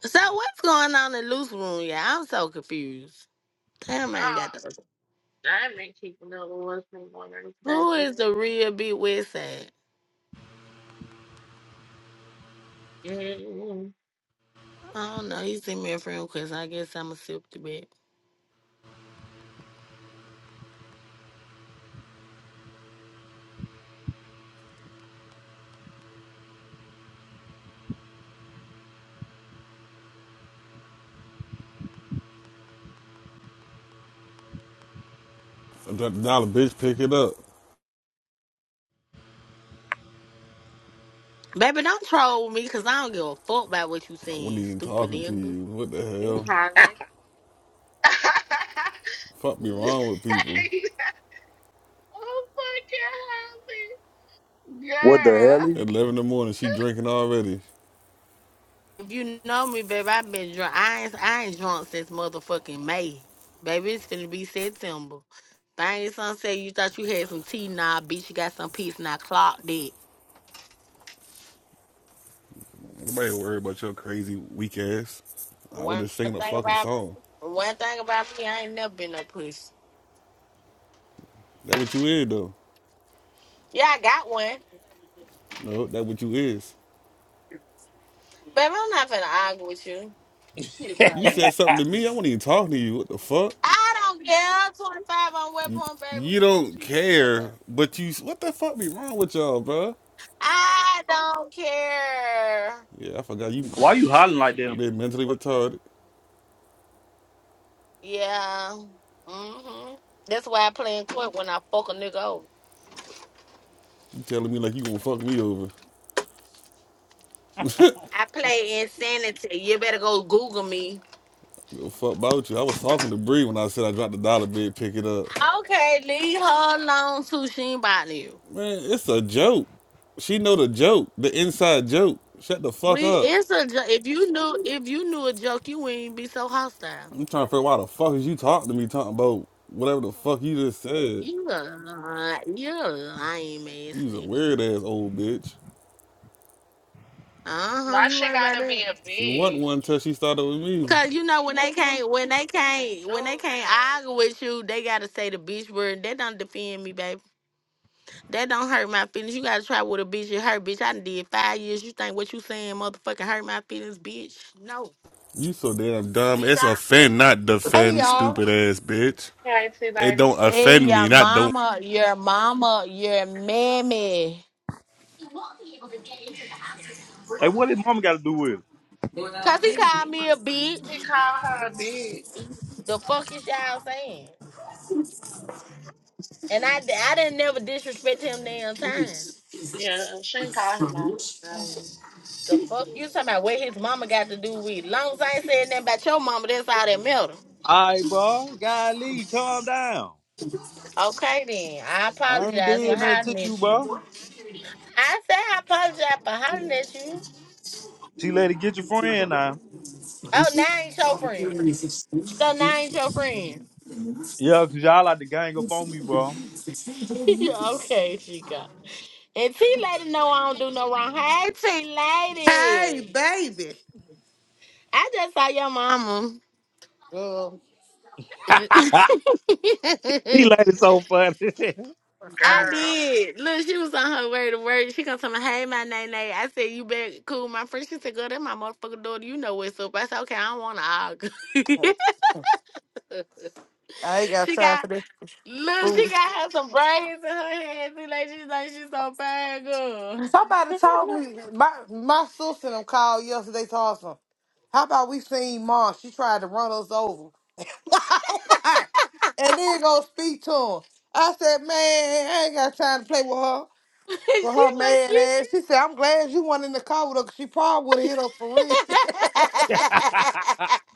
Speaker 6: So what's going on in Loose Room, y'all? I'm so confused. Damn, I ain't
Speaker 2: God,
Speaker 6: got the...
Speaker 2: I ain't people know with what's been going on today
Speaker 6: Who
Speaker 2: for
Speaker 6: is
Speaker 2: me.
Speaker 6: the real big West side?
Speaker 2: Mm-hmm.
Speaker 6: I don't know. He sent me a friend request. I guess I'm a sip to bed.
Speaker 9: If that dollar bitch pick it up,
Speaker 6: Baby, don't troll me because I don't give a fuck about what you
Speaker 9: I wasn't
Speaker 6: saying,
Speaker 9: even
Speaker 6: stupid
Speaker 9: talking to
Speaker 6: nigga.
Speaker 9: you. What the
Speaker 2: I'm
Speaker 9: hell?
Speaker 2: hollering. [laughs] i
Speaker 9: Fuck be wrong with people.
Speaker 2: fucking hollering.
Speaker 1: What
Speaker 2: Girl.
Speaker 1: the
Speaker 9: At 11 in the morning, she
Speaker 2: [laughs]
Speaker 9: drinking already.
Speaker 6: You know me, baby. I've been drunk. I ain't, I ain't drunk since motherfucking May. Baby, it's finna be September. Thing son said you thought you had some tea. Nah, bitch, you got some peace and I clocked it.
Speaker 9: Nobody worry about your crazy weak ass. I
Speaker 6: One
Speaker 9: was just singing a
Speaker 6: thing
Speaker 9: fucking
Speaker 6: about
Speaker 9: song.
Speaker 6: one thing about me, I ain't never been a pussy.
Speaker 9: That what you is though.
Speaker 6: Yeah, I got one.
Speaker 9: No, that what you is.
Speaker 6: Baby, I'm not finna argue with you.
Speaker 1: hell
Speaker 9: You said something to me. I
Speaker 1: is
Speaker 9: wasn't even talking to you. What the fuck?
Speaker 6: I don't care. 25 on what point, baby?
Speaker 9: You don't
Speaker 6: Okay.
Speaker 9: care, but you. What the fuck be wrong with y'all, bro?
Speaker 6: I don't care.
Speaker 9: Yeah, I forgot you
Speaker 1: [laughs] Why you hollering like that?
Speaker 9: been mentally retarded.
Speaker 6: Yeah. hmm That's why I play in court when I fuck a nigga over.
Speaker 9: You telling me like you gonna fuck me over.
Speaker 6: I play insanity. You better go Google me.
Speaker 9: Give a fuck about you. I was talking to Bree when I said I dropped the dollar bid, pick it up.
Speaker 6: Okay, leave her alone too. She ain't bothering you.
Speaker 9: Man, it's a joke. She know the joke, the inside joke. Shut the
Speaker 6: We
Speaker 9: fuck up.
Speaker 6: it's a jo- if you knew if you knew a joke, you wouldn't be so hostile.
Speaker 9: I'm trying to figure out why the fuck is you talking to me talking about whatever the fuck you just said.
Speaker 6: You a li- you a lame ass
Speaker 9: You's a
Speaker 6: nigga.
Speaker 9: weird ass old bitch.
Speaker 6: Uh huh.
Speaker 2: Why
Speaker 6: You
Speaker 2: she
Speaker 6: right about
Speaker 2: gotta
Speaker 6: that.
Speaker 2: be a
Speaker 9: She wasn't
Speaker 2: bitch?
Speaker 9: one till she started with me.
Speaker 6: Cause you know when they can't when they can't when they
Speaker 2: Oh,
Speaker 6: can't argue with you, they gotta say the bitch word. That don't defend me, baby. That don't hurt my feelings. You gotta try with a bitch. It hurt, bitch. I done did five years. You think what you saying, motherfucking hurt my feelings, bitch? No.
Speaker 9: You so damn dumb. It's offend, not
Speaker 10: Hey
Speaker 9: defend,
Speaker 10: y'all.
Speaker 9: stupid ass bitch.
Speaker 2: damn. Hey,
Speaker 9: It
Speaker 2: T-Lady.
Speaker 9: don't
Speaker 6: Hey,
Speaker 9: offend me,
Speaker 6: your
Speaker 9: not do not
Speaker 6: mama, your mama, your mammy.
Speaker 1: Hey, what did mama got to do with it?
Speaker 6: Cause he called me a bitch.
Speaker 2: He called her a bitch.
Speaker 6: The fuck is y'all saying? And I, I didn't never disrespect him damn time.
Speaker 2: Yeah, she didn't call him out his name.
Speaker 6: The fuck you talking about what his mama got to do with? it. Long as I ain't saying nothing about your mama, that's all that matter.
Speaker 1: All right, bro. Golly, calm down.
Speaker 6: Okay then, I
Speaker 1: I ain't
Speaker 6: apologize for
Speaker 1: did nothing to
Speaker 6: hollering
Speaker 1: you,
Speaker 6: at you.
Speaker 1: bro.
Speaker 6: I said I apologize for hollering at you.
Speaker 1: She let it get your friend now.
Speaker 6: Oh, now I ain't your friend. So now I ain't your friend.
Speaker 1: Yeah, because y'all like to gang up on me, bro.
Speaker 6: [laughs] okay, Chica. And T Lady know I don't do no wrong. Hey T Lady.
Speaker 10: Hey, baby.
Speaker 6: I just saw your mama.
Speaker 10: Girl.
Speaker 6: [laughs]
Speaker 1: She like it so funny.
Speaker 6: I
Speaker 2: Girl.
Speaker 6: did. Look, she was on her way to work. She come to me, hey my name. I said, You better cool my friend. She said, Girl, that my motherfucking daughter. You know what's up. I said, Okay, I don't wanna argue. [laughs]
Speaker 10: I ain't got
Speaker 6: she
Speaker 10: time
Speaker 6: got
Speaker 10: for this
Speaker 6: look, she
Speaker 10: food.
Speaker 6: got her some braids in her head. T Lady, she's like she's so bad girl.
Speaker 10: Somebody told me my my sister them called yesterday to ask How about we seen mom? She tried to run us over. [laughs] oh my. And then go speak to him. I said, Man, I ain't got time to play with her.
Speaker 6: [laughs]
Speaker 10: With
Speaker 6: she
Speaker 10: her
Speaker 6: look
Speaker 10: mad
Speaker 6: cute.
Speaker 10: ass. She said, I'm glad you went in the car with her 'cause she probably would have hit us for real. [laughs]
Speaker 1: [laughs]
Speaker 6: [laughs]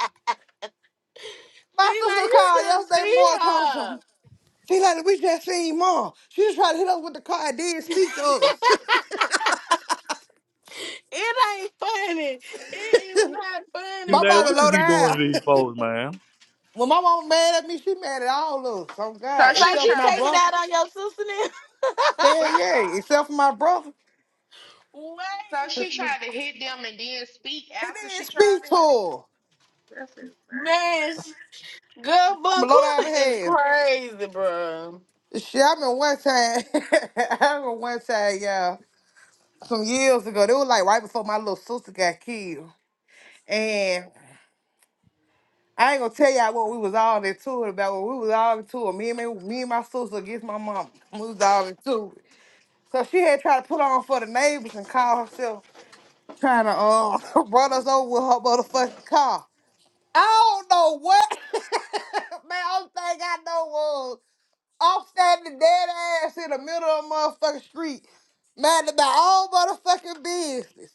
Speaker 10: my
Speaker 6: See, like
Speaker 10: sister
Speaker 6: you
Speaker 10: called
Speaker 6: should have seen
Speaker 10: yesterday
Speaker 6: her.
Speaker 10: morning. She like, we just seen mom. She just tried to hit us with the car and didn't speak to us.
Speaker 6: [laughs] It ain't funny. It
Speaker 10: [laughs]
Speaker 6: is not funny,
Speaker 1: T
Speaker 10: my
Speaker 1: lady,
Speaker 6: bro.
Speaker 10: mama
Speaker 1: what you
Speaker 10: low
Speaker 1: be doing
Speaker 10: down.
Speaker 1: to these folks,
Speaker 10: [laughs]
Speaker 1: man?
Speaker 10: when my mama mad at me, she mad at all of us. Oh
Speaker 2: So
Speaker 10: God,
Speaker 6: So
Speaker 2: she
Speaker 10: except
Speaker 6: she
Speaker 10: for my
Speaker 2: tried
Speaker 6: taking
Speaker 10: brother.
Speaker 6: out on your sister now?
Speaker 2: to,
Speaker 10: Hell yeah, except for my brother.
Speaker 6: [laughs]
Speaker 2: [laughs] so she
Speaker 6: Wait,
Speaker 2: tried to hit them and then speak
Speaker 10: And
Speaker 2: after she
Speaker 10: then
Speaker 2: tried
Speaker 10: speak
Speaker 2: to
Speaker 10: to
Speaker 2: hit.
Speaker 10: her.
Speaker 2: That's insane.
Speaker 6: man, sh- girl,
Speaker 10: I'm low down
Speaker 6: Bunquilla
Speaker 10: the
Speaker 6: is
Speaker 10: hell.
Speaker 6: crazy, bro.
Speaker 10: Shit, I remember one time. [laughs] I remember one time, y'all. Some years ago, it was like right before my little sister got killed, and. I ain't gonna tell y'all what we was all into it about. What we was all into it. Me and me, me and my sister against my mom. We was all into it. So she had tried to put on for the neighbors and call herself trying to uh, [laughs] run us over with her motherfucking car. I don't know what. [laughs] Man, only thing I know was I'm standing dead ass in the middle of the motherfucking street, mad about all motherfucking business.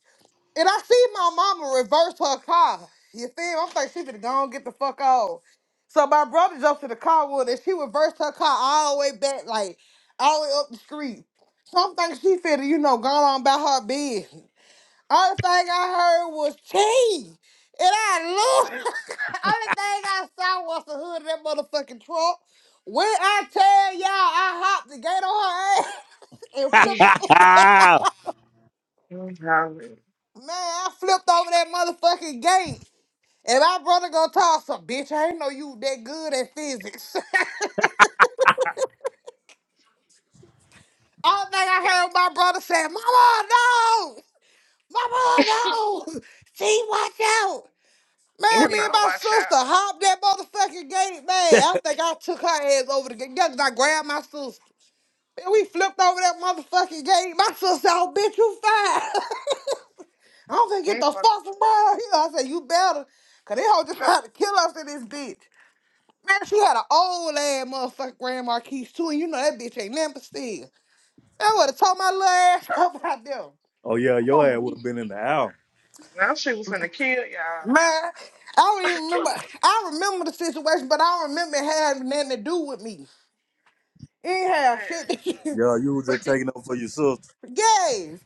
Speaker 10: And I see my mama reverse her car. You feel? me? I'm thinking she finna go and get the fuck off. So my brother jumped to the car with her. She reversed her car all the way back, like all the way up the street. So I'm thinking she finna, you know, go on about her business. Only thing I heard was tea. And I looked. [laughs] Only thing I saw was the hood of that motherfucking truck. When I tell y'all I hopped the gate on her ass [laughs] and
Speaker 2: [laughs]
Speaker 10: flipped,
Speaker 2: Y'all,
Speaker 10: man, I flipped over that motherfucking gate. And my brother gonna talk some bitch. I ain't know you that good at physics. [laughs] All thing I heard my brother say, Mama, no! Mama, no! See, watch out!
Speaker 2: you
Speaker 10: Man, me
Speaker 2: know,
Speaker 10: and my
Speaker 2: watch
Speaker 10: sister
Speaker 2: out.
Speaker 10: hopped that motherfucking gate. Man, I think I took her ass over the gate. Yeah, 'cause I grabbed my sister. And we flipped over that motherfucking gate. My sister, oh, bitch, you fine. [laughs] i don't to get
Speaker 2: I'm
Speaker 10: the
Speaker 2: fuck.
Speaker 10: fuck from her. You know, I said, you better, 'cause they hoe just [laughs] trying to kill us in this bitch. Man, she had an old ass motherfucking Grand Marquis too, and you know that bitch ain't never still. I would have told my little ass [laughs] up out there.
Speaker 1: [laughs] oh yeah, your
Speaker 10: Come
Speaker 1: ass would have been in the house.
Speaker 2: Now she was finna kill
Speaker 10: man.
Speaker 2: y'all.
Speaker 10: I don't even remember. I remember the situation, but I don't remember it having nothing to do with me. It ain't
Speaker 2: [laughs]
Speaker 10: have shit.
Speaker 2: Damn.
Speaker 10: to-
Speaker 1: Yeah, you was just taking up for your sister.
Speaker 10: [laughs] yes.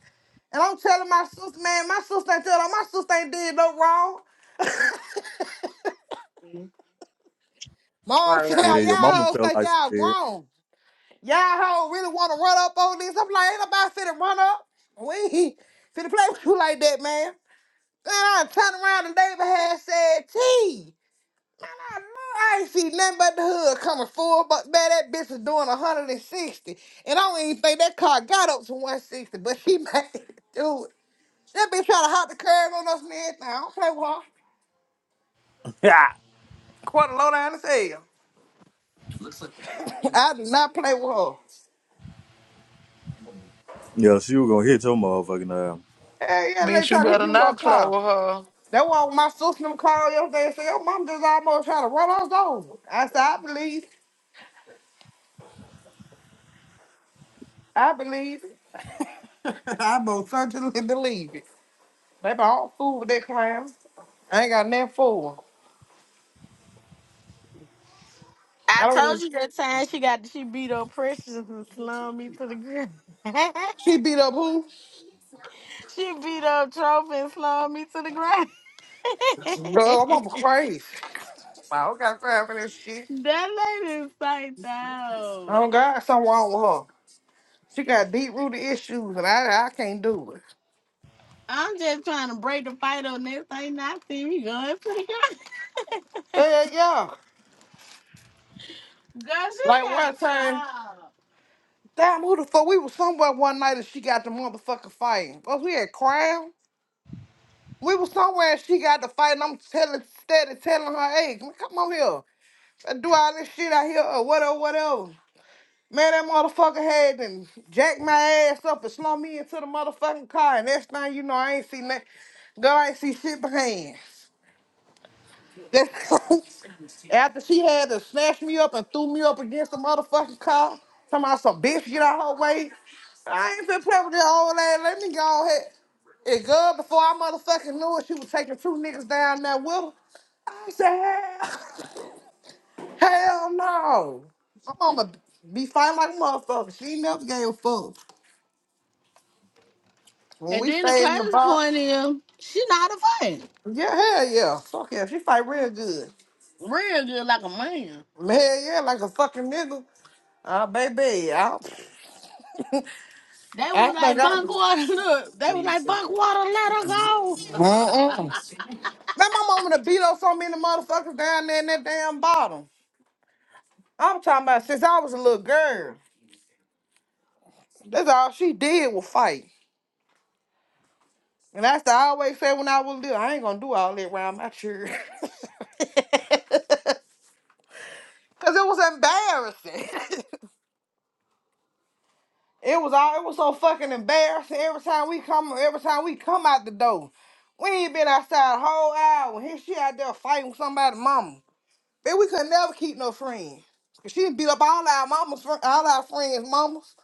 Speaker 10: And I'm telling my sister, man, my sister ain't telling my sister ain't did no wrong.
Speaker 2: Mm,
Speaker 10: Mom [laughs]
Speaker 2: I
Speaker 10: said, y'all
Speaker 2: know.
Speaker 1: Shit, your mama
Speaker 10: hoes
Speaker 1: felt
Speaker 10: think
Speaker 1: like
Speaker 10: y'all
Speaker 1: she
Speaker 10: grown. Y'all hoes really want to run up on this. I'm like, ain't nobody finna run up. We ain't [laughs] finna play with you like that, man. Then I turned around and David had said, T, man, I, know I ain't see nothing but the hood coming forward, but man, that bitch was doing 160. And sixty. And I don't even think that car got up to 160, but she [laughs] made it do it. That bitch trying to hop the curb on us and everything. I don't play with her.
Speaker 1: did. [laughs]
Speaker 10: Quarter low down as hell. I do not play with her.
Speaker 1: Yeah, she was gonna hit your motherfucking ass.
Speaker 10: Hey, yeah, they
Speaker 11: Bitch, you
Speaker 10: try to hit
Speaker 11: better
Speaker 10: you with a
Speaker 11: not play
Speaker 10: car.
Speaker 11: with her.
Speaker 10: That why when my sister them called yesterday and said, your mom just almost trying to run us over. I said, I believe. I believe. [laughs] I most certainly believe it. They bought food with that clown. I ain't got nothing for her.
Speaker 6: I
Speaker 10: I don't.
Speaker 6: told
Speaker 10: even-
Speaker 6: you that time she got she beat up Precious and slung me to the ground. [laughs]
Speaker 10: She beat up who?
Speaker 6: she beat up Trophy and slung me to the ground.
Speaker 10: Girl,
Speaker 6: [laughs]
Speaker 10: I'm over crazy. I don't got time for this shit.
Speaker 6: that lady is psyched
Speaker 10: I
Speaker 6: out.
Speaker 10: don't got something wrong with her. She got deep rooted issues, and I I can't do it.
Speaker 6: I'm just trying to break the fight on this thing. I see me going for the girl. [laughs]
Speaker 10: Yeah, yeah.
Speaker 6: Girl, she
Speaker 10: Like one
Speaker 6: gotta
Speaker 10: time,
Speaker 6: stop.
Speaker 10: damn, who the fuck? We was somewhere one night and she got the motherfucker fighting. Cause we had crowd. We was somewhere and she got the fight, and I'm telling, steady telling her, hey, come come on here. If I do all this shit out here or whatever, whatever. Man, that motherfucker had and jacked my ass up and slung me into the motherfucking car. And next thing you know, I ain't seen that. Girl, I ain't see shit behind. That- [laughs] After she had to snatch me up and threw me up against the motherfucking car, talking about some bitch get out her way. I ain't been playing with that old ass. Let me go ahead. And girl, before I motherfucking knew it, she was taking two niggas down there with her. I said, hell, [laughs] hell no. My mama be fighting like a motherfucker. She ain't never gave a fuck. When
Speaker 6: And
Speaker 10: we
Speaker 6: then the
Speaker 10: fade in the
Speaker 6: crazy
Speaker 10: bottom,
Speaker 6: point is, she not a fight.
Speaker 10: yeah, hell yeah. Fuck yeah. She fight real good.
Speaker 6: Real good, like a man.
Speaker 10: Hell yeah, like a fucking nigga. Ah, baby, I,
Speaker 6: They
Speaker 10: I
Speaker 6: was
Speaker 10: think
Speaker 6: like
Speaker 10: I
Speaker 6: bunk
Speaker 10: was.
Speaker 6: water. [laughs] Look, they was like bunk water. Let her go.
Speaker 10: Mm-mm. Man, my mama done beat up so many motherfuckers down there in that damn bottom. I'm talking about since I was a little girl. That's all she did was fight. And that's what I always said when I was little, I ain't gonna do all that around my church. [laughs] Cause it was embarrassing. [laughs] It was all it was so fucking embarrassing every time we come every time we come out the door. We ain't been outside a whole hour. Here she out there fighting with somebody's mama. Man, we could never keep no friends. 'Cause she beat up all our mamas fri- all our friends' mamas.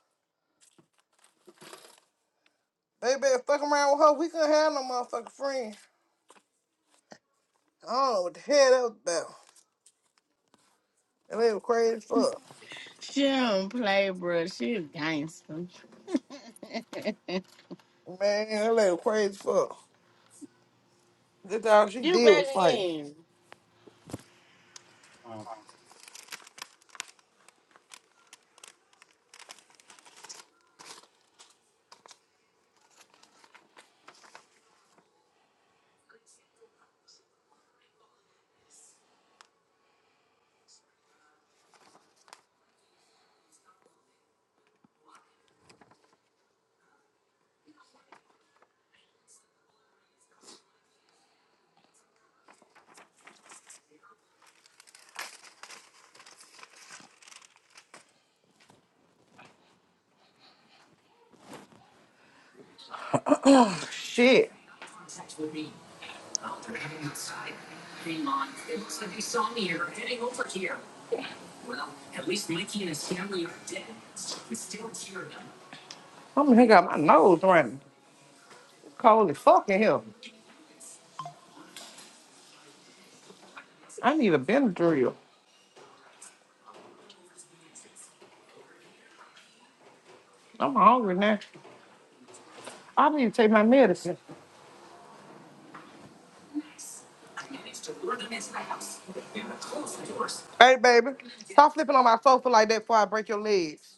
Speaker 10: They been fucking around with her. We couldn't have no motherfucking friends. I don't know what the hell that was about. That lady was crazy as fuck.
Speaker 6: She don't play, bro. She a gangster.
Speaker 10: Man, that lady was crazy as fuck. That's all she
Speaker 6: You
Speaker 10: did
Speaker 6: back
Speaker 10: was fight.
Speaker 6: again.
Speaker 10: Shit. I'm here got my nose running. Cold as fuck in here. I need a Benadryl. I'm hungry now. I need to take my medicine. Hey, baby, stop flipping on my sofa like that before I break your legs.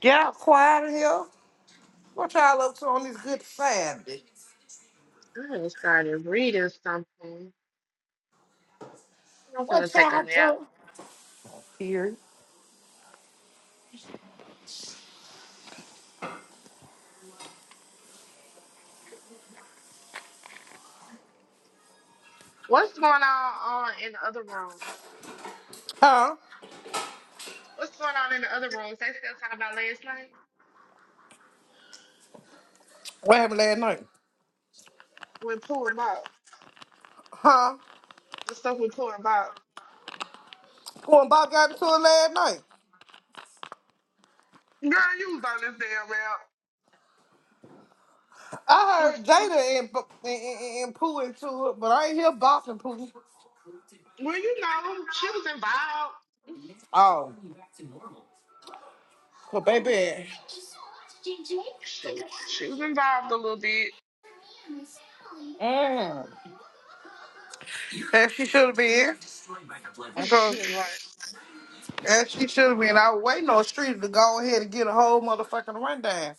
Speaker 10: Get out quiet in here. What y'all up to on this good Saturday?
Speaker 2: I haven't started reading something. I'm finna
Speaker 10: What
Speaker 2: take a
Speaker 10: y'all
Speaker 2: nap.
Speaker 10: do here?
Speaker 2: What's going on on in the other room?
Speaker 10: Huh?
Speaker 2: What's going on in the other rooms? They still talking about last night
Speaker 10: What happened last night?
Speaker 2: with Pooh and Bob.
Speaker 10: Huh?
Speaker 2: The stuff with Pooh and Bob.
Speaker 10: Who and Bob got into it last night?
Speaker 2: Girl, you was on this damn rap.
Speaker 10: I heard Jada and, and, and, and Pooh into it, but I ain't hear Bop and Pooh.
Speaker 2: Well, you know, she was involved.
Speaker 10: Oh, well, baby,
Speaker 2: She she was involved a little bit.
Speaker 10: Mm. that she should have been.
Speaker 2: [laughs] right.
Speaker 10: And she should have been out waiting on the street to go ahead and get a whole motherfucking rundown.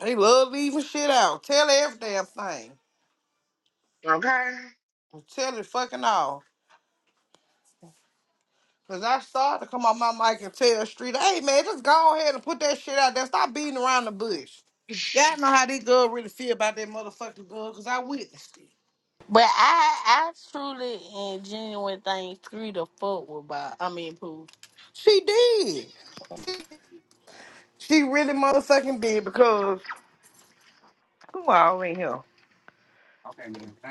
Speaker 10: They love leaving shit out. Tell every damn thing.
Speaker 2: Okay.
Speaker 10: Tell it fucking all. Cause I started to come on my mic and tell Street, hey man, just go ahead and put that shit out there. Stop beating around the bush. Y'all know how these girls really feel about that motherfucking girl, cause I witnessed it.
Speaker 6: But I, I truly and genuine think three to fuck with. Bob. I mean, poo.
Speaker 10: She did. She really motherfucking did because who all in here?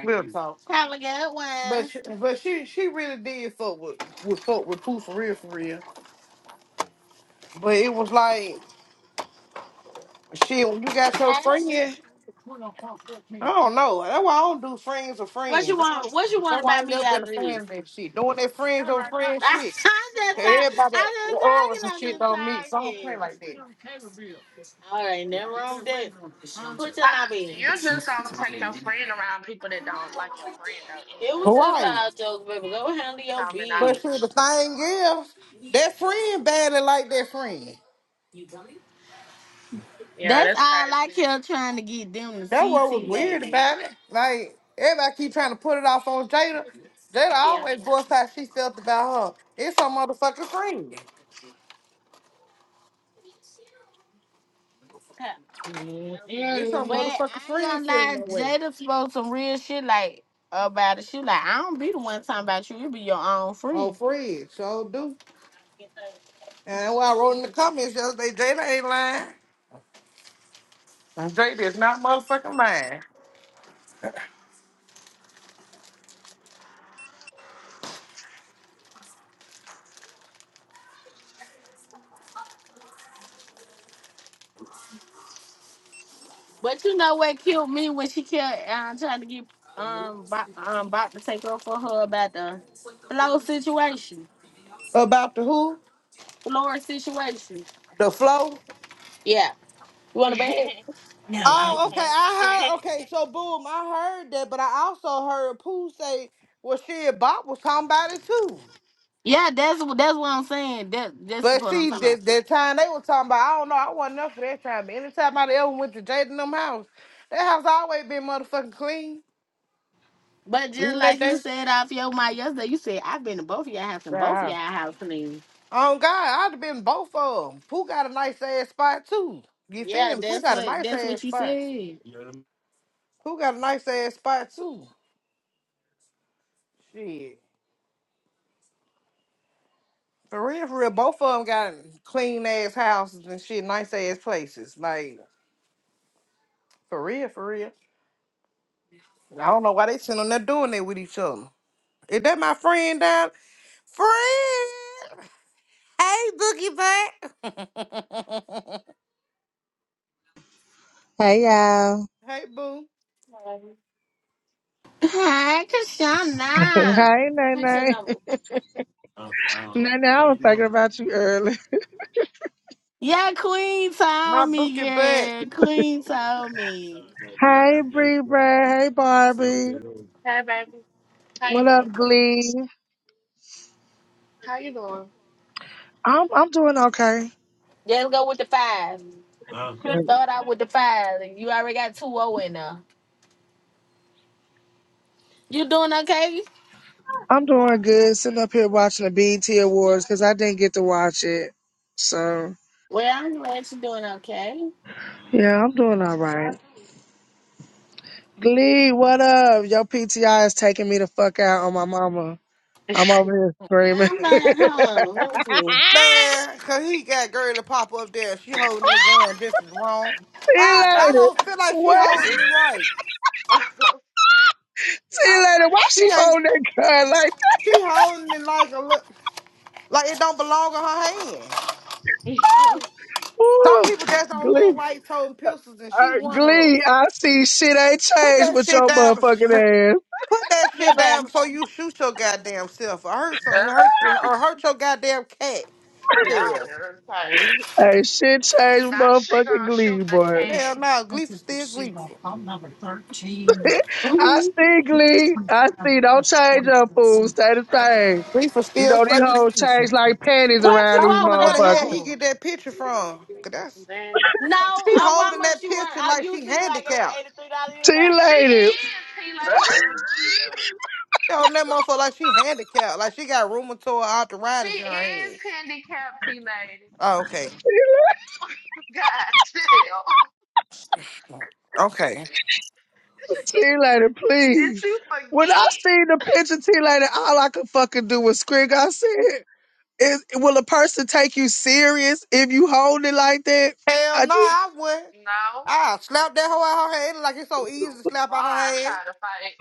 Speaker 10: Real talk.
Speaker 6: Have a good
Speaker 10: But
Speaker 6: one.
Speaker 10: she, but she she really did fuck with with fuck with Pooh for real for real. But it was like shit when you got your
Speaker 6: Hey.
Speaker 10: friend. I don't know. That's why I don't do friends or
Speaker 6: What you
Speaker 10: friends. I
Speaker 6: want?
Speaker 10: don't-
Speaker 6: What you
Speaker 10: That's
Speaker 6: want
Speaker 10: why I
Speaker 6: about
Speaker 10: ain't
Speaker 6: me
Speaker 10: never
Speaker 6: out
Speaker 10: been a
Speaker 6: of
Speaker 10: fan
Speaker 6: this?
Speaker 10: of that shit. Doing that
Speaker 6: [laughs]
Speaker 10: friends
Speaker 6: I'm
Speaker 10: over friends shit.
Speaker 6: just,
Speaker 10: Cause
Speaker 6: I,
Speaker 10: everybody
Speaker 6: I'm
Speaker 10: that the
Speaker 6: just
Speaker 10: auras and
Speaker 6: talking.
Speaker 10: shit don't mix. I don't play
Speaker 6: I'm
Speaker 10: like
Speaker 6: just
Speaker 10: that.
Speaker 6: talking. All right, never wrong with that. Put your
Speaker 2: I,
Speaker 6: knob in.
Speaker 2: you just don't take your friend around people that don't like your friend, though, anyway.
Speaker 6: It was just
Speaker 10: Right.
Speaker 6: all jokes, baby. Go handle your
Speaker 2: Common
Speaker 10: But
Speaker 6: biz.
Speaker 10: shit, the
Speaker 2: knowledge.
Speaker 10: thing is, that friend badly like that friend.
Speaker 2: Yeah,
Speaker 6: That's
Speaker 2: that's
Speaker 6: all I
Speaker 2: crazy.
Speaker 6: kept trying to get them the
Speaker 10: That what
Speaker 6: CT
Speaker 10: was weird
Speaker 6: lady.
Speaker 10: about it. Like everybody keep trying to put it off on Jada. Jada
Speaker 6: Yeah.
Speaker 10: always voiced how she felt about her. It's her motherfucking friend. It's her
Speaker 6: But
Speaker 2: Mm-mm.
Speaker 6: I
Speaker 10: motherfucking
Speaker 6: ain't
Speaker 10: friend
Speaker 6: gonna
Speaker 10: feeling
Speaker 6: lie,
Speaker 10: that way.
Speaker 6: Jada spoke some real shit like about it. She like, I don't be the one talking about you. You be your own
Speaker 10: Oh,
Speaker 6: friend.
Speaker 10: friend, sure do. And what I wrote in the comments yesterday, Jada ain't lying. And Jada is not motherfucking lying.
Speaker 6: But you know what killed me when she kept um, trying to get um Bob, um Bob to take off for her about the flow situation,
Speaker 10: About the who?
Speaker 6: floor situation.
Speaker 10: The flow?
Speaker 6: Yeah, you want a bag?
Speaker 2: [laughs] hmm [laughs]
Speaker 10: Oh, okay. I heard. Okay, so boom, I heard that, but I also heard Pooh say, "Well, shit, Bob was talking about it too."
Speaker 6: Yeah, that's what that's what I'm saying. That that's the
Speaker 10: But
Speaker 6: point I'm
Speaker 10: see,
Speaker 6: talking about.
Speaker 10: that, that time they were talking about, I don't know, I wasn't there for that time. But anytime I ever went to Jaden them house, that house always been motherfucking clean.
Speaker 6: But just
Speaker 10: Even that
Speaker 6: like you
Speaker 10: day.
Speaker 6: said off your mind yesterday, you said I've been to both of y'all house and both of
Speaker 10: Yeah.
Speaker 6: y'all house clean.
Speaker 10: Oh God, I'd have been both of them. Pooh got a nice ass spot too. You
Speaker 6: Yeah,
Speaker 10: feel me? Pooh
Speaker 6: that's
Speaker 10: got a
Speaker 6: what
Speaker 10: nice
Speaker 6: that's
Speaker 10: ass
Speaker 6: what you
Speaker 10: spot.
Speaker 6: said.
Speaker 10: Pooh got a nice ass spot too. Shit. For real, for real, both of them got clean ass houses and shit, nice ass places. Like, for real, for real. I don't know why they sitting on there doing that with each other. Is that my friend down? Friend. Hey, Boogie Butt. [laughs]
Speaker 12: Hey y'all.
Speaker 10: Hey, boo.
Speaker 2: um,
Speaker 6: Hi,
Speaker 12: [laughs] hey,
Speaker 6: Kashana. Put your
Speaker 12: Nene.
Speaker 6: number.
Speaker 12: Nene, I was thinking about you early.
Speaker 6: Yeah, Queen
Speaker 10: My
Speaker 6: told me,
Speaker 10: Boogie Butt.
Speaker 6: girl. Queen told me.
Speaker 12: Hey, Bree Brad. Hey, Barbie.
Speaker 2: hey, baby. How you
Speaker 12: What up,
Speaker 2: doing?
Speaker 12: Glee?
Speaker 2: How you doing?
Speaker 12: I'm I'm doing okay.
Speaker 6: Just go with the five. Start out with the five. and You already got two O in there. You doing okay?
Speaker 12: I'm doing good. Sitting up here watching the BET Awards because I didn't get to watch it. So
Speaker 6: Well, I'm glad you're doing okay.
Speaker 12: yeah, I'm doing all right. Glee, what up? Your PTI is taking me the fuck out on my mama. I'm over here screaming. [laughs]
Speaker 6: I'm not on, Let me see.
Speaker 10: Man, cause he got girl to pop up there. She holding that gun. This is wrong.
Speaker 12: See you
Speaker 2: It
Speaker 10: I I
Speaker 2: was-
Speaker 12: later.
Speaker 10: don't feel like she
Speaker 12: What?
Speaker 10: holding it right.
Speaker 2: [laughs] Y'all
Speaker 12: [laughs] See you later.
Speaker 2: play.
Speaker 12: Why
Speaker 10: She
Speaker 12: she
Speaker 10: ain't.
Speaker 12: holding that gun like?
Speaker 10: She holding
Speaker 2: [laughs]
Speaker 10: it like a look like it don't belong in her hand. Some
Speaker 12: Ooh,
Speaker 10: people just don't
Speaker 12: Glee.
Speaker 10: look right holding pistols, and she
Speaker 12: Uh,
Speaker 10: one of 'em.
Speaker 12: Glee, I see shit ain't
Speaker 10: Put
Speaker 12: changed
Speaker 10: that
Speaker 12: with your
Speaker 10: shit down. bef- [laughs]
Speaker 12: motherfucking ass.
Speaker 10: Put that
Speaker 6: Yeah,
Speaker 10: shit down
Speaker 6: baby.
Speaker 10: before you shoot your goddamn self or hurt some
Speaker 2: Yeah,
Speaker 10: hurt or hurt your goddamn cat.
Speaker 2: [laughs] Y'all
Speaker 10: Hell,
Speaker 2: irritating.
Speaker 12: Hey, shit changed with
Speaker 2: Now she
Speaker 12: motherfucking
Speaker 2: gonna shoot
Speaker 12: Glee,
Speaker 2: the
Speaker 12: boy.
Speaker 10: hell
Speaker 2: cat.
Speaker 10: no, Gleeful still Gleeful.
Speaker 12: I
Speaker 6: hmm
Speaker 12: see Glee. I see. Don't change up, fool. Stay the same.
Speaker 10: Gleeful
Speaker 12: You
Speaker 10: still
Speaker 12: know, these
Speaker 10: fucking
Speaker 12: hoes change
Speaker 10: Gleeful.
Speaker 12: like panties
Speaker 6: What
Speaker 12: around
Speaker 6: you
Speaker 10: I
Speaker 12: these
Speaker 6: over
Speaker 10: wonder where
Speaker 6: there
Speaker 10: the hell
Speaker 12: motherfuckers.
Speaker 10: he
Speaker 6: doing?
Speaker 10: get that picture from. 'Cause that's
Speaker 2: Then
Speaker 6: No, oh,
Speaker 10: she
Speaker 6: how
Speaker 10: holding
Speaker 6: much
Speaker 10: that
Speaker 6: you want?
Speaker 10: picture
Speaker 6: Oh,
Speaker 10: like
Speaker 6: you
Speaker 10: she
Speaker 6: see like
Speaker 10: handicapped.
Speaker 6: eight- $83 you left.
Speaker 2: she
Speaker 12: T-Lady,
Speaker 2: is, he lady.
Speaker 10: She
Speaker 2: [laughs]
Speaker 10: holding that
Speaker 2: The fuck.
Speaker 10: motherfucker like she handicapped, like she got rheumatoid
Speaker 2: She
Speaker 10: arthritis in her
Speaker 2: is
Speaker 10: hand.
Speaker 2: handicapped, she lady.
Speaker 10: Oh, okay,
Speaker 2: God damn. [laughs]
Speaker 10: okay.
Speaker 12: T-Lady,
Speaker 2: Did
Speaker 12: please.
Speaker 2: you
Speaker 12: When I
Speaker 2: forget?
Speaker 12: seen the picture, T-Lady, all I could fucking do was scream. I said, is, will a person take you serious if you hold it like that?
Speaker 10: Hell
Speaker 12: I
Speaker 10: no,
Speaker 12: just.
Speaker 10: I wouldn't.
Speaker 2: No.
Speaker 10: I slap that hoe out her hand like it's so easy
Speaker 2: Oh,
Speaker 10: to slap
Speaker 2: Why
Speaker 10: out her
Speaker 2: I try
Speaker 10: hand.
Speaker 2: to fight?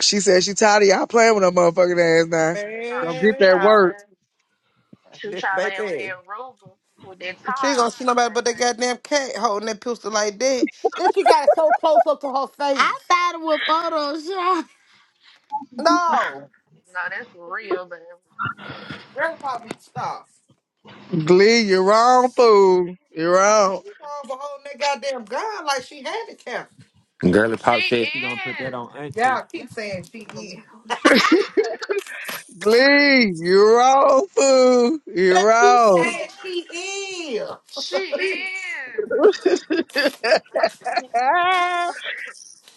Speaker 12: She said she tired of y'all playing with her motherfucking ass now.
Speaker 2: She gonna
Speaker 12: Don't get
Speaker 2: shoot
Speaker 12: that
Speaker 10: Man,
Speaker 2: y'all
Speaker 12: work.
Speaker 2: in. Shoot
Speaker 10: this
Speaker 2: y'all in with
Speaker 10: baby.
Speaker 2: their ruger, with their
Speaker 10: She ain't gonna
Speaker 2: tyrants,
Speaker 10: see nobody but
Speaker 2: baby.
Speaker 10: that goddamn cat holding that pistol like that. Then she got it so close up to her
Speaker 6: I
Speaker 10: face.
Speaker 6: thought it was Photoshop.
Speaker 10: No.
Speaker 2: No, that's real, baby.
Speaker 10: Grandpa probably stop.
Speaker 12: Glee, you're wrong, fool. You're wrong.
Speaker 10: She wrong for holding that goddamn gun like she handicapped.
Speaker 5: Girly
Speaker 2: She
Speaker 5: Pop said she gonna put that
Speaker 2: is.
Speaker 5: on
Speaker 10: Y'all
Speaker 5: auntie.
Speaker 10: keep saying she is. [laughs]
Speaker 2: [laughs]
Speaker 12: Glee, you're wrong, fool. You're
Speaker 10: That keep
Speaker 12: wrong.
Speaker 10: saying she is.
Speaker 2: She is.
Speaker 12: [laughs]
Speaker 2: You
Speaker 12: Ah,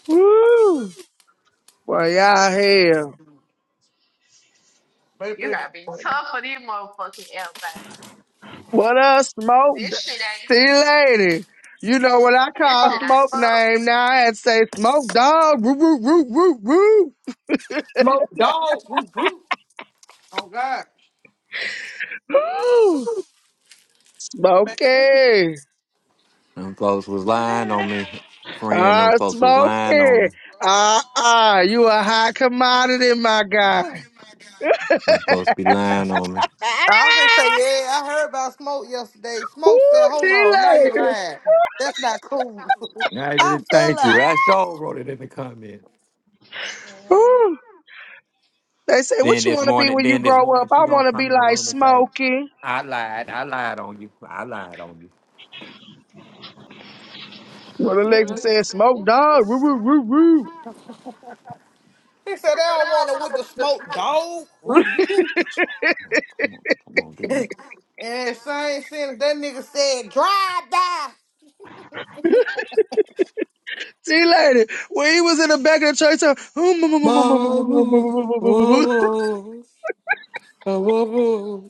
Speaker 12: Woo. Well, y'all here.
Speaker 10: Baby.
Speaker 2: gotta be tough for these motherfucking L, baby.
Speaker 12: What up, Smoke?
Speaker 2: This shit ain't.
Speaker 12: See you later. You know what I
Speaker 2: This
Speaker 12: call
Speaker 2: shit ain't
Speaker 12: Smoke
Speaker 2: for
Speaker 12: name now. I had to say Smoke Dog. Woo, woo, woo, woo,
Speaker 10: Dog. Oh, God.
Speaker 12: woo. [gasps]
Speaker 10: Man.
Speaker 12: Smokey.
Speaker 5: Them folks was
Speaker 2: the
Speaker 5: lying on me. Friend,
Speaker 12: Ah,
Speaker 5: them folks was lying on
Speaker 12: Smokey.
Speaker 5: me.
Speaker 12: Ah, ah, you a high commodity, my guy.
Speaker 5: Them folks be lying on me.
Speaker 12: Ah,
Speaker 10: I was gonna say, yeah, I heard about Smoke yesterday. Smoke said,
Speaker 12: Ooh,
Speaker 10: hold on, now you're
Speaker 12: Chile.
Speaker 10: lying. That's not cool. [laughs]
Speaker 5: I
Speaker 10: I
Speaker 5: did
Speaker 10: fell
Speaker 5: thank you.
Speaker 10: out.
Speaker 5: I sure wrote it in the comments.
Speaker 2: weak. [sighs] [laughs]
Speaker 12: Ooh. They say,
Speaker 5: Then
Speaker 12: what you
Speaker 5: this
Speaker 12: want to be
Speaker 5: morning,
Speaker 12: when you
Speaker 5: then this
Speaker 12: grow up?
Speaker 5: morning, she
Speaker 12: I
Speaker 5: gonna
Speaker 12: want to be
Speaker 5: come in the
Speaker 12: like
Speaker 5: room and say,
Speaker 12: Smokey.
Speaker 5: "I lied, I lied on you, I lied on you."
Speaker 12: Well, Alexa
Speaker 2: Mhm.
Speaker 12: said, Smoke
Speaker 2: A
Speaker 12: Dog. Woo, woo, woo, woo.
Speaker 10: He said, they don't want it with the smoke, dog. Oof.
Speaker 5: Come on, come on, get in.
Speaker 10: [laughs] and same thing, that nigga said, drive by.
Speaker 12: [laughs] See lady, when he was in the back of the church, so,
Speaker 10: Whoa, whoa,
Speaker 12: [laughs]
Speaker 10: whoa, whoa.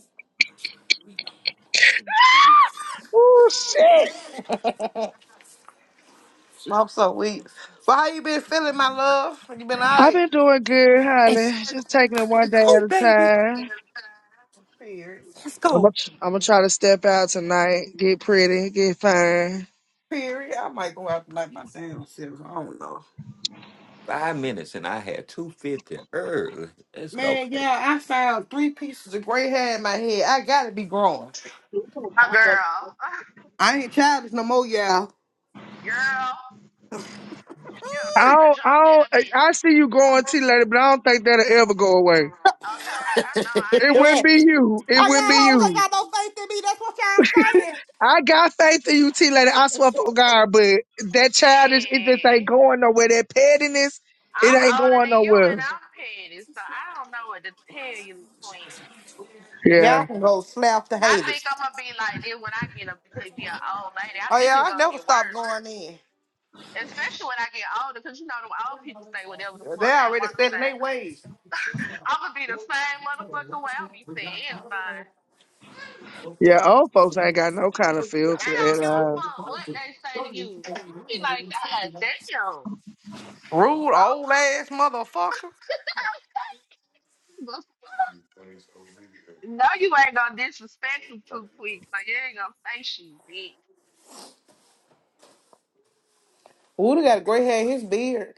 Speaker 12: oh shit!
Speaker 10: I'm so weak. But how you been feeling, my love? You been all
Speaker 12: I've
Speaker 10: right?
Speaker 12: been doing good, honey.
Speaker 5: It's
Speaker 12: Just taking it one day at
Speaker 5: go,
Speaker 12: a
Speaker 5: baby.
Speaker 12: time.
Speaker 10: Period.
Speaker 5: Let's
Speaker 12: I'm gonna,
Speaker 5: go.
Speaker 12: I'm gonna try to step out tonight, get pretty, get fine.
Speaker 10: Period. I might go out and light my damn self. I don't know.
Speaker 5: Five minutes, and I had two fifty early. Let's go,
Speaker 10: Man,
Speaker 5: baby.
Speaker 10: yeah, I found three pieces of gray hair in my head. I gotta be growing.
Speaker 2: girl. [laughs]
Speaker 10: I ain't childish no more, y'all. [laughs]
Speaker 2: Girl, you will
Speaker 12: I
Speaker 2: crack a
Speaker 12: don't, I
Speaker 2: joke in
Speaker 12: don't,
Speaker 2: a
Speaker 12: I
Speaker 2: minute.
Speaker 12: I see you going T lady, but I don't think that'll ever go away.
Speaker 2: Okay, I know I
Speaker 12: It
Speaker 2: am.
Speaker 12: wouldn't
Speaker 10: yeah,
Speaker 12: be you. It
Speaker 10: Oh,
Speaker 12: wouldn't
Speaker 10: y'all
Speaker 12: be
Speaker 10: hoes ain't
Speaker 12: you.
Speaker 10: got no faith in me. That's what y'all saying.
Speaker 12: I got faith in you, T lady. I swear for God, but that childish, it just ain't
Speaker 2: Shit.
Speaker 12: going nowhere. That pettiness, it
Speaker 2: I'm
Speaker 12: ain't
Speaker 2: older
Speaker 12: going
Speaker 2: than you and
Speaker 12: nowhere.
Speaker 2: I'm petty, so I don't know what to tell you, queen.
Speaker 10: Y'all
Speaker 12: Yeah.
Speaker 10: can go slap the
Speaker 2: I
Speaker 10: haters.
Speaker 2: think I'm gonna be like this when I get up to be an old lady. I
Speaker 10: Oh,
Speaker 2: think
Speaker 10: yeah,
Speaker 2: it's
Speaker 10: I
Speaker 2: gonna
Speaker 10: never
Speaker 2: get
Speaker 10: stop
Speaker 2: worse.
Speaker 10: going in.
Speaker 2: Especially when I get older, because you know them old people say whatever the
Speaker 10: They
Speaker 2: fuck they
Speaker 10: already
Speaker 2: wanna
Speaker 10: set in
Speaker 2: say.
Speaker 10: their ways.
Speaker 2: I'm gonna be the same motherfucker way. I'm be saying anything.
Speaker 12: Yeah, old folks ain't got no kind of
Speaker 2: They
Speaker 12: filter
Speaker 2: don't
Speaker 12: at
Speaker 2: give a
Speaker 12: all.
Speaker 2: fuck what they say to you. Be like, God damn.
Speaker 10: Rude, old ass motherfucker.
Speaker 2: Okay. [laughs] No, you ain't gonna disrespect them too quick, so you ain't gonna say shit, bitch.
Speaker 10: Woody got a gray hair in his beard.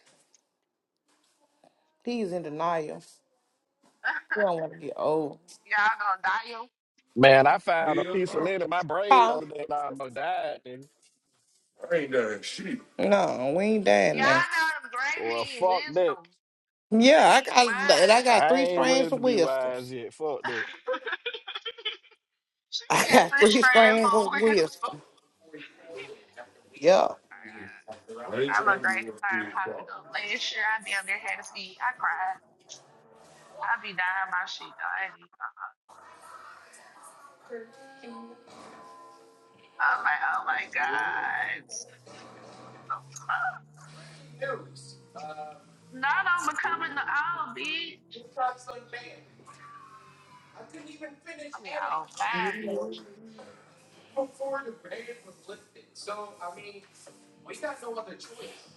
Speaker 10: He's in denial.
Speaker 2: [laughs]
Speaker 10: We don't want to get old.
Speaker 2: Y'all gonna die. Y'all
Speaker 8: Man, I found a piece of lint in my brain the
Speaker 10: Huh?
Speaker 8: other day and I almost died then.
Speaker 10: No, we ain't dying now.
Speaker 2: know them great
Speaker 8: Well
Speaker 2: mean
Speaker 8: fuck that.
Speaker 2: wisdom. That
Speaker 10: Yeah,
Speaker 2: mean you
Speaker 10: I got, and I
Speaker 2: wise.
Speaker 10: got
Speaker 8: I
Speaker 10: three
Speaker 8: ain't
Speaker 10: strands
Speaker 8: ready
Speaker 10: of
Speaker 8: to be
Speaker 10: wisdoms.
Speaker 8: wise yet. Fuck that.
Speaker 2: [laughs] she
Speaker 10: [laughs] I
Speaker 2: been
Speaker 10: got
Speaker 2: through
Speaker 10: three
Speaker 2: friend
Speaker 10: strands
Speaker 2: for
Speaker 10: of
Speaker 2: wisdom.
Speaker 10: wisdom. Yeah.
Speaker 2: [laughs] I look great started popping up. Last year I damn near had a feed. I cried. I be dying my shit though. I ain't even gonna- I'm like, oh my god. No, no, I'm becoming the old bitch. I mean, old fine bitch,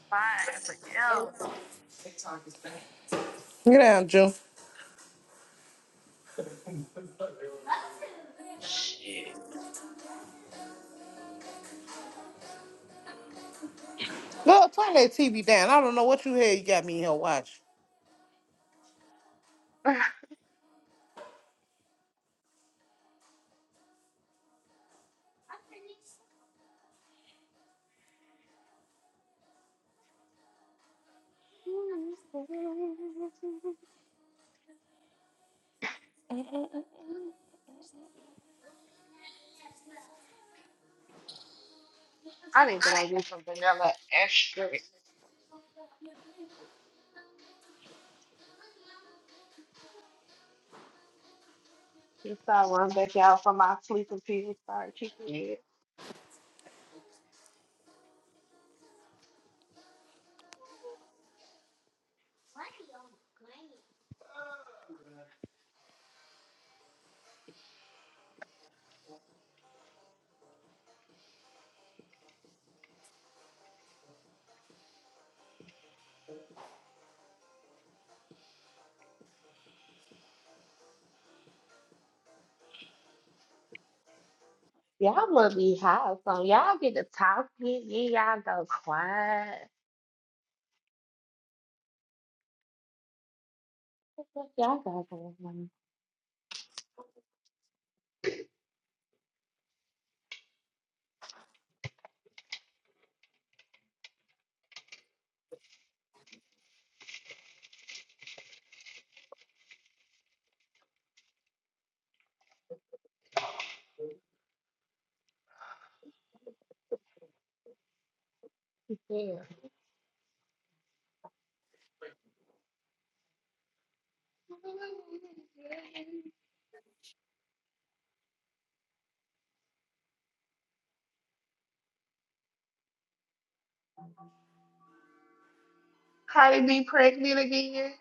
Speaker 2: fine forever.
Speaker 10: Get down, June.
Speaker 2: Shit.
Speaker 10: Look, turn that TV down. I don't know what you had you got me in here watching.
Speaker 2: [laughs] I need to go get some vanilla extract. Just so I run back out for my sleeping pills. Start kicking it. Y'all must be high, so y'all get to talking. Then y'all go quiet. What the fuck, y'all got going on? Yeah. Cardi [laughs] be pregnant again?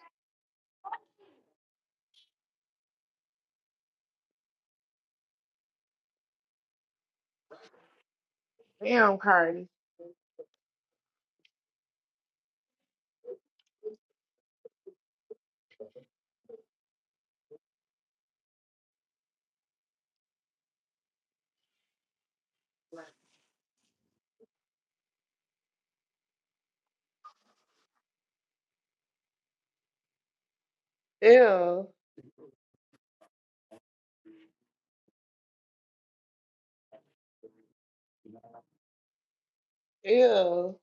Speaker 2: Damn, Cardi. Ew. Ew.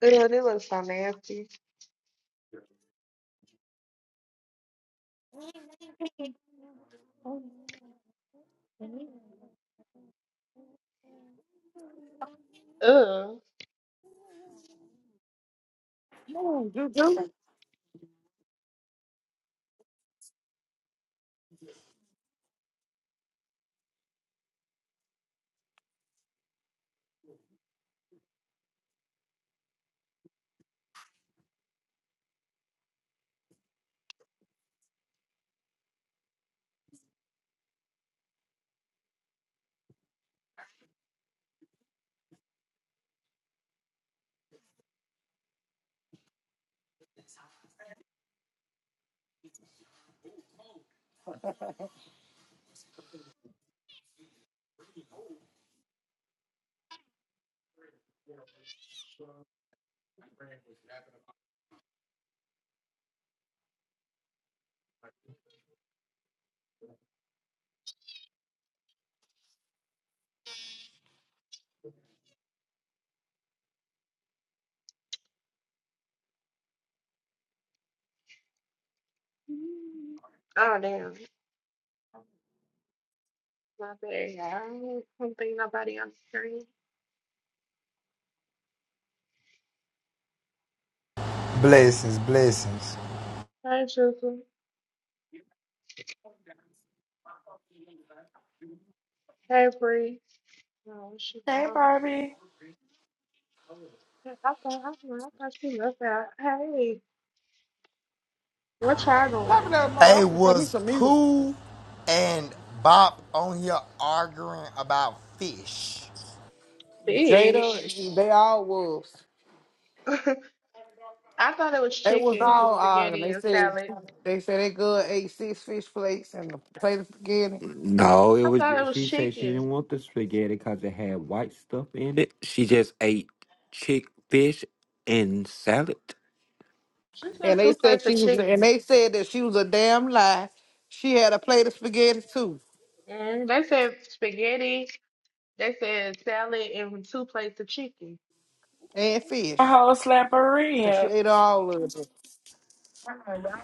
Speaker 2: Ew, they look so nasty. Ew. Mm. Oh, damn. My bad, y'all. I don't don't think nobody on the screen.
Speaker 13: Blessings, blessings.
Speaker 2: Hey, Susan. Hey, Bree. Oh, she
Speaker 14: Hey,
Speaker 2: out.
Speaker 14: Barbie.
Speaker 2: I thought, I thought, I thought she left out. Hey, what y'all
Speaker 10: Top of
Speaker 2: doing?
Speaker 10: that mo, I
Speaker 13: Hey,
Speaker 10: was gonna play me
Speaker 13: was
Speaker 10: some music.
Speaker 13: Pooh and Bop on here arguing about fish?
Speaker 2: Fish.
Speaker 10: Jada,
Speaker 2: [laughs]
Speaker 10: they all wolves.
Speaker 2: I thought it was
Speaker 10: They was
Speaker 2: chicken and
Speaker 10: all arguing.
Speaker 2: spaghetti
Speaker 10: They
Speaker 2: and
Speaker 10: said
Speaker 2: salad.
Speaker 10: they said they good ate six fish plates and the plate of spaghetti.
Speaker 5: No, it
Speaker 2: I
Speaker 5: was.
Speaker 2: thought it
Speaker 5: ju-
Speaker 2: was
Speaker 5: She said she
Speaker 2: chicken.
Speaker 5: didn't want the spaghetti because it had white stuff in it. She just ate chick fish and salad.
Speaker 2: She said
Speaker 10: And they
Speaker 2: two
Speaker 10: said
Speaker 2: plates
Speaker 10: she
Speaker 2: of
Speaker 10: was and
Speaker 2: chicken.
Speaker 10: they said that she was a damn lie. She had a plate of spaghetti too.
Speaker 2: And they said spaghetti They said salad and two plates of chicken.
Speaker 10: And
Speaker 14: A
Speaker 10: fish.
Speaker 14: whole slap of
Speaker 10: So she
Speaker 14: rib.
Speaker 10: ate all of it.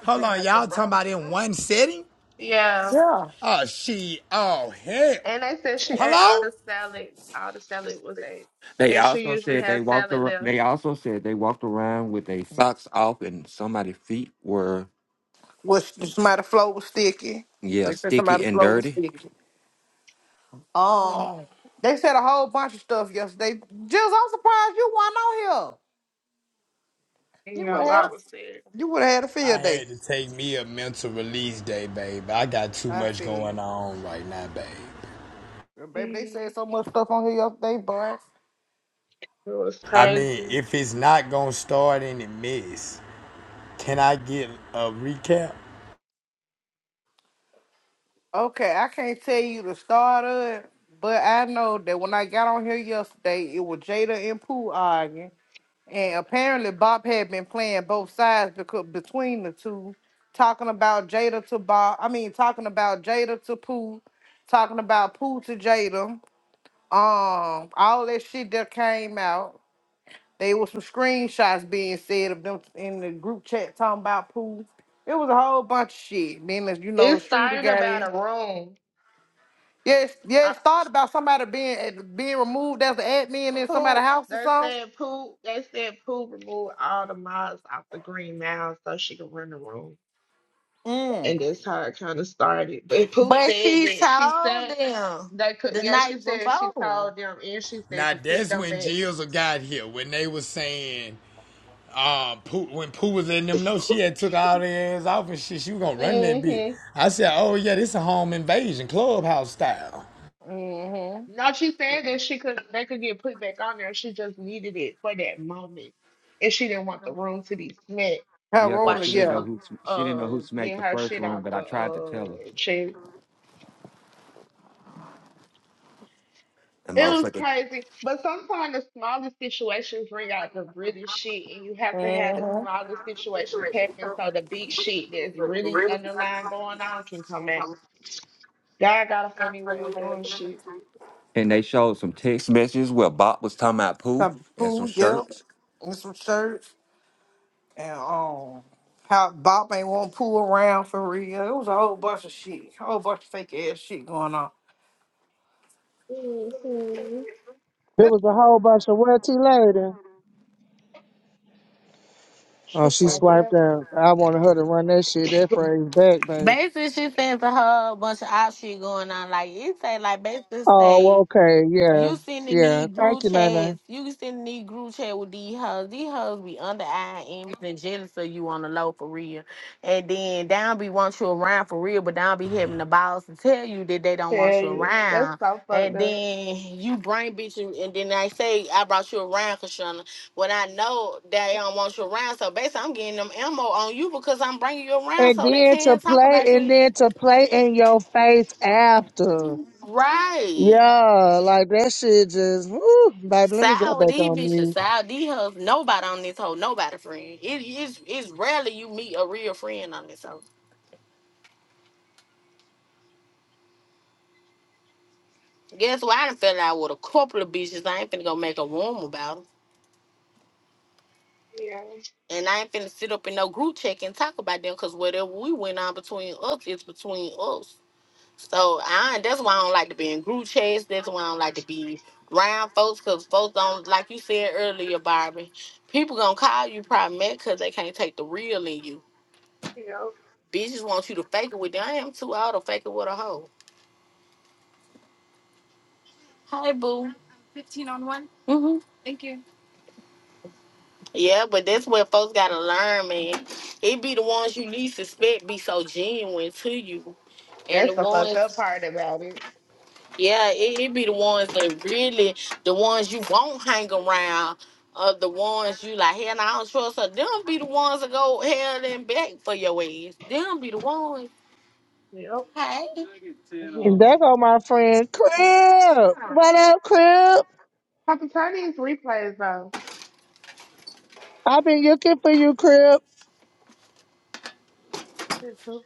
Speaker 13: Hold on, y'all talking about in one setting?
Speaker 2: Yeah.
Speaker 10: Yeah.
Speaker 13: Oh, she, oh, hell.
Speaker 2: And they said she ate all
Speaker 13: Hello?
Speaker 2: the salad. All the salad was ate.
Speaker 5: They
Speaker 2: And she
Speaker 5: also
Speaker 2: usually
Speaker 5: said they
Speaker 2: has
Speaker 5: walked
Speaker 2: salad
Speaker 5: around.
Speaker 2: left.
Speaker 5: They also said they walked around with their socks off, and somebody's feet were
Speaker 10: Was somebody float was sticky?
Speaker 5: Yeah,
Speaker 10: They said
Speaker 5: sticky
Speaker 10: somebody
Speaker 5: and
Speaker 10: float was
Speaker 5: dirty.
Speaker 10: sticky.
Speaker 2: hmm
Speaker 10: Um, they said a whole bunch of stuff yesterday. Just I'm surprised you weren't on here. You
Speaker 2: Yeah,
Speaker 10: would
Speaker 2: a
Speaker 10: have had
Speaker 2: lot was said.
Speaker 10: you would have had a
Speaker 13: I
Speaker 10: field day.
Speaker 13: had to take me a mental release day, babe. I got too
Speaker 10: I
Speaker 13: much going
Speaker 10: see.
Speaker 13: on right now, babe.
Speaker 10: Baby, they said
Speaker 2: Mhm.
Speaker 10: so much stuff on here yesterday, boy.
Speaker 2: It was
Speaker 13: I mean,
Speaker 2: crazy.
Speaker 13: if it's not gonna start in the mess, can I get a recap?
Speaker 10: Okay, I can't tell you the start of it, but I know that when I got on here yesterday, it was Jada and Pooh arguing, and apparently Bob had been playing both sides because between the two, talking about Jada to Bob. I mean, talking about Jada to Pooh, talking about Pooh to Jada. Um, all that shit that came out. There was some screenshots being said of them in the group chat talking about Pooh. It was a whole bunch of shit. Then, as you
Speaker 2: It
Speaker 10: know, Streeter
Speaker 2: started
Speaker 10: got
Speaker 2: about
Speaker 10: in.
Speaker 2: a room.
Speaker 10: Yeah,
Speaker 2: I,
Speaker 10: yes. Thought about somebody being eh, being removed as an admin in somebody's
Speaker 2: poop.
Speaker 10: house or
Speaker 2: They
Speaker 10: something.
Speaker 2: said poop. They said poop removed all the mods off the green mound so she could run the room. and
Speaker 10: Mm.
Speaker 2: that's how it kind of started. But Pooh
Speaker 6: But
Speaker 2: said
Speaker 6: she
Speaker 2: that she
Speaker 6: told
Speaker 2: said
Speaker 6: them
Speaker 2: they could.
Speaker 6: the
Speaker 2: Yeah, she
Speaker 6: night
Speaker 2: said she
Speaker 6: before.
Speaker 2: told them, and she said
Speaker 13: Now
Speaker 2: to put
Speaker 13: that's
Speaker 2: them
Speaker 13: when
Speaker 2: back.
Speaker 13: Jills got here when they was saying Uh, Pooh, when Pooh was in them, no, she had took all their ass off and shit. She was gonna run that bitch.
Speaker 2: hmm
Speaker 13: I said, "Oh yeah, this a home invasion, clubhouse style."
Speaker 10: Mm-hmm.
Speaker 2: No, she said that she could. They could get put back on there. She just needed it for that moment, and she didn't want the room to be smacked
Speaker 10: How
Speaker 5: Yeah, cause
Speaker 2: while
Speaker 10: roller,
Speaker 5: she
Speaker 2: she
Speaker 5: didn't know
Speaker 10: yeah.
Speaker 2: was
Speaker 5: who sm- she didn't know
Speaker 2: uh
Speaker 5: who smacked
Speaker 2: getting
Speaker 5: the
Speaker 2: her
Speaker 5: first
Speaker 2: shit
Speaker 5: room,
Speaker 2: out
Speaker 5: but
Speaker 2: the
Speaker 5: I tried to tell her.
Speaker 2: uh chair.
Speaker 5: And
Speaker 2: It was
Speaker 5: motherfucker.
Speaker 2: crazy. But sometimes the smallest situations bring out the really shit, and you have to have the
Speaker 10: Mm-hmm.
Speaker 2: smallest situations happen so the big shit that's really underlying going on can come out. God got a funny way of doing shit.
Speaker 5: And they showed some text messages where Bob was talking about poo
Speaker 10: Some
Speaker 5: and some
Speaker 10: food, yeah.
Speaker 5: shirts.
Speaker 10: And some shirts. And um how Bob ain't want to pull around for real. It was a whole bunch of shit. A whole bunch of fake ass shit going on.
Speaker 2: Mm-hmm.
Speaker 12: There was a whole bunch of what T lady. Oh,
Speaker 2: Shit
Speaker 12: she
Speaker 2: like
Speaker 12: swiped
Speaker 2: that.
Speaker 12: out. I wanted her to run that shit, that phrase back,
Speaker 6: Basically, she sent to her a bunch of options going on. Like, it say, like, basically
Speaker 12: Oh, well,
Speaker 6: say,
Speaker 12: okay, yeah,
Speaker 6: You sending
Speaker 12: yeah.
Speaker 6: these group
Speaker 12: Thank you, Nana.
Speaker 6: chats. You sending these group chat with these hoes. These hoes be under eye enemies and jealous of you on the low for real. And then down be want you around for real, but down be having the balls to tell you that they don't want
Speaker 2: Tell
Speaker 6: you
Speaker 2: you. That's
Speaker 6: around.
Speaker 2: so fucked
Speaker 6: And
Speaker 2: up.
Speaker 6: then you bring bitches, and then they say I brought you around, Kashana. When I know they don't want you around, so basically I'm getting them ammo on you because I'm bringing you around
Speaker 12: And
Speaker 6: so they
Speaker 12: then to
Speaker 6: can't talk
Speaker 12: play,
Speaker 6: about
Speaker 12: and
Speaker 6: you.
Speaker 12: then to play in your face after.
Speaker 6: Right.
Speaker 12: Yeah, like that shit just, woo, baby, let me go
Speaker 6: Sour,
Speaker 12: back
Speaker 6: these
Speaker 12: on
Speaker 6: bitches,
Speaker 12: me.
Speaker 6: sour, these hoes, nobody on this hoe, nobody friend. It is it's it's rarely you meet a real friend on this hoe. Guess what? I done fell out with a couple of bitches. I ain't finna go make a room about them.
Speaker 2: Yeah.
Speaker 6: And I ain't finna sit up in no group check and talk about them because whatever we went on between us it's between us. So I that's why I don't like to be in group chats. That's why I don't like to be around folks because folks don't like you said earlier, Barbie. People gonna call you problematic because they can't take the real in you.
Speaker 2: Yep.
Speaker 6: Bitches want you to fake it with them. I am too old to fake it with a hoe. Hi, boo. Fifteen on one? Mm-hmm. Thank you. Yeah, but that's where folks gotta learn, man. It be the ones you least suspect be so genuine to you. And the
Speaker 2: That's the fucked up
Speaker 6: ones,
Speaker 2: part about it.
Speaker 6: yeah, it, it be the ones that really, the ones you won't hang around, are the ones you like, hell, no, I don't trust her. Them be the ones that go hell and back for your ass. Them be the ones.
Speaker 2: Yep. [laughs]
Speaker 6: Hey.
Speaker 12: And
Speaker 2: Mhm.
Speaker 12: there go my friend, Crib. What up, Crib?
Speaker 2: Papa, turn these replays on.
Speaker 12: I've been looking for you, Crib.
Speaker 2: Shit, too.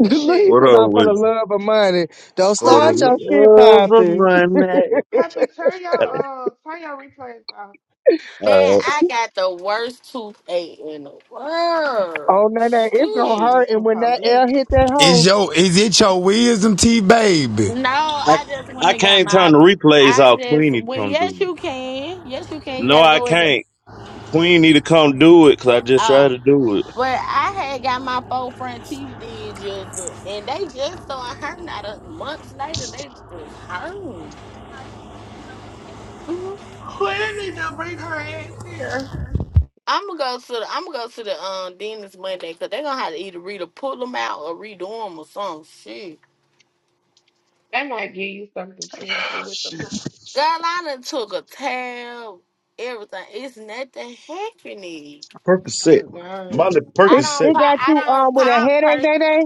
Speaker 2: This shit
Speaker 12: [laughs]
Speaker 15: What
Speaker 12: to
Speaker 15: up
Speaker 12: my for the
Speaker 15: with you?
Speaker 12: love of money. Don't
Speaker 15: for
Speaker 12: start
Speaker 15: the
Speaker 12: your
Speaker 2: popping.
Speaker 12: shit
Speaker 15: love of
Speaker 12: popping.
Speaker 15: money?
Speaker 2: Pappy, turn your uh turn your replays off.
Speaker 6: Man,
Speaker 15: All right.
Speaker 6: I got the worst toothache in the
Speaker 12: Oh,
Speaker 6: world.
Speaker 12: Nana, it's
Speaker 2: That
Speaker 12: gonna
Speaker 2: should
Speaker 6: Shit.
Speaker 2: be
Speaker 12: hurt. And
Speaker 2: two
Speaker 12: when that
Speaker 2: police.
Speaker 12: L hit that
Speaker 13: Is
Speaker 12: hole,
Speaker 13: your is it your wisdom teeth, baby?
Speaker 6: No, I just
Speaker 15: I
Speaker 6: went
Speaker 15: I
Speaker 6: and got
Speaker 15: can't
Speaker 6: my.
Speaker 15: turn the replays
Speaker 6: I
Speaker 15: off.
Speaker 6: just
Speaker 15: Queen need to
Speaker 6: well,
Speaker 15: come do
Speaker 6: yes you
Speaker 15: it.
Speaker 6: can, yes you
Speaker 2: Well,
Speaker 6: can. You
Speaker 15: No,
Speaker 6: gotta
Speaker 15: I
Speaker 6: go with the
Speaker 15: can't. Queen need to come do it because I just tried
Speaker 6: uh.
Speaker 15: to do it.
Speaker 6: But I had got my four front teeth did just, uh, and they just started hurting. Not a month later, they just hurt. hmm
Speaker 2: they need to bring her ass here.
Speaker 6: I'm gonna go to the. I'm gonna go to the um dentist Monday because they're gonna have to either re to pull them out or redo them or some shit.
Speaker 2: They might give you something to help you with the pain.
Speaker 6: Girl, I done took a tab, everything. It's nothing happening.
Speaker 15: Percocet.
Speaker 2: Oh God.
Speaker 15: Molly
Speaker 6: I
Speaker 12: it,
Speaker 6: don't
Speaker 15: Percocet.
Speaker 12: it
Speaker 6: pop.
Speaker 12: got
Speaker 6: I
Speaker 12: you um
Speaker 6: don't
Speaker 12: with a
Speaker 6: pop.
Speaker 12: headache,
Speaker 6: Per-
Speaker 12: Nana.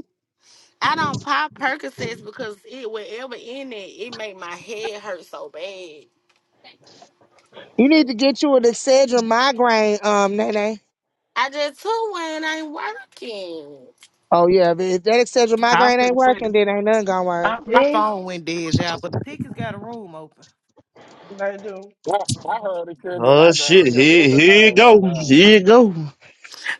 Speaker 6: I don't pop Percocets because it whatever in it, it make my head hurt so bad.
Speaker 12: You need to get you an Excedrin migraine, um, Nene.
Speaker 6: I just took one. Ain't working.
Speaker 12: Oh yeah, but if that Excedrin
Speaker 10: I was
Speaker 12: migraine ain't
Speaker 10: finna say
Speaker 12: working,
Speaker 10: this.
Speaker 12: then ain't nothing gonna work.
Speaker 10: Uh, My
Speaker 2: Yeah,
Speaker 10: phone went dead, y'all, but the pickers got a room open.
Speaker 2: they do.
Speaker 8: Well, I heard it says that
Speaker 15: Oh
Speaker 8: my
Speaker 15: shit!
Speaker 8: girl help
Speaker 15: Here
Speaker 8: everything
Speaker 15: here you
Speaker 8: goes
Speaker 15: go.
Speaker 8: out.
Speaker 15: Here you go.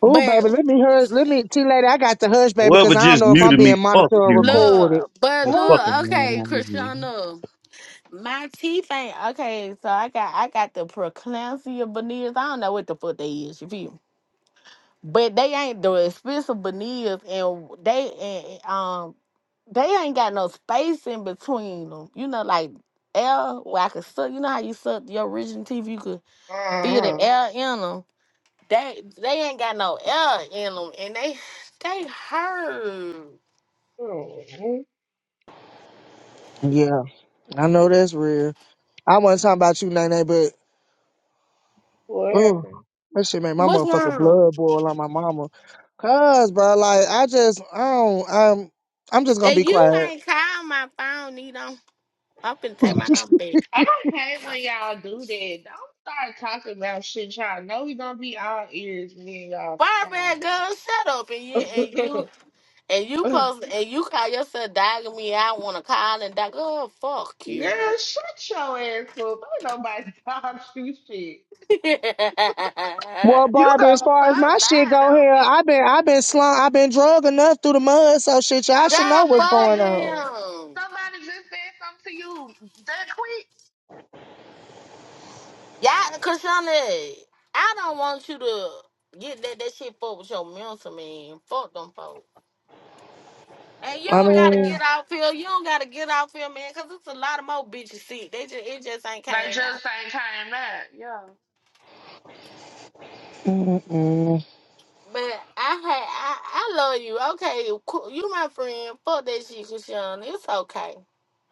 Speaker 12: Ooh,
Speaker 6: But
Speaker 12: baby, let me hush. Let me, T lady, I got to hush, baby,
Speaker 15: Whoever
Speaker 12: because I don't
Speaker 15: just
Speaker 12: know if I'm
Speaker 15: muted me,
Speaker 12: being monitored
Speaker 15: fuck
Speaker 12: or
Speaker 15: you.
Speaker 12: recorded.
Speaker 6: look, but
Speaker 15: That
Speaker 6: look.
Speaker 15: fucking
Speaker 2: Oh.
Speaker 15: man.
Speaker 6: Okay,
Speaker 15: out here.
Speaker 6: Krishna. My teeth ain't okay, so I got I got the preeclampsia veneers. I don't know what the fuck they is. You feel me? But they ain't the expensive Benias, and they and um they ain't got no space in between them. You know, like air where I could suck. You know how you suck your original teeth, you could feel the
Speaker 2: Uh-huh.
Speaker 6: air in them. They they ain't got no air in them, and they they hurt.
Speaker 2: Mhm.
Speaker 12: Yeah, I know that's real. I wasn't talking about you, Nene, but
Speaker 2: What
Speaker 12: oh,
Speaker 2: happened?
Speaker 12: that shit made my
Speaker 6: What's
Speaker 12: motherfucking
Speaker 6: wrong?
Speaker 12: blood boil on my mama. Cause, bro, like I just, I don't, I'm, I'm just gonna
Speaker 6: And
Speaker 12: be
Speaker 6: you
Speaker 12: quiet.
Speaker 6: ain't call my phone, you know. I'm finna
Speaker 2: Uh,
Speaker 6: take my number back.
Speaker 2: I hate when y'all do that. Don't start talking about shit y'all know we gonna be all ears when y'all
Speaker 6: Barbara girl, shut up and you and you
Speaker 2: stop.
Speaker 6: And you
Speaker 2: [laughs]
Speaker 6: post and you call yourself dogging me. I want to call and dog. Oh fuck
Speaker 2: Girl,
Speaker 6: you.
Speaker 2: shut your ass up. Ain't nobody [laughs] dog you shit.
Speaker 6: [laughs]
Speaker 12: Well,
Speaker 2: You
Speaker 12: Barbie, as
Speaker 2: gonna
Speaker 12: far as
Speaker 2: stop
Speaker 12: my shit
Speaker 2: lying
Speaker 12: go
Speaker 2: on
Speaker 12: here,
Speaker 2: me.
Speaker 12: I've been I've been slung, I've been drug enough through the mud, so shit, y'all should
Speaker 2: Somebody
Speaker 12: know
Speaker 6: God
Speaker 12: what's
Speaker 2: just
Speaker 6: fuck
Speaker 12: going
Speaker 2: said
Speaker 12: on.
Speaker 6: them.
Speaker 2: somebody just said something to you that quick.
Speaker 6: Y'all, Krishana, I don't want you to get that that shit fucked with your mental man. Fuck them folks. And you
Speaker 12: I
Speaker 6: don't gotta get
Speaker 12: mean,
Speaker 2: Hell.
Speaker 6: off here. You don't gotta get off here, man, cause it's a lot of more bitches sick. They just it just ain't
Speaker 2: They
Speaker 6: came out.
Speaker 2: just ain't came back. Yeah.
Speaker 12: mm-mm.
Speaker 6: But I had I, I love you. Okay, cool. you my friend. Fuck that shit, Krishana. It's okay.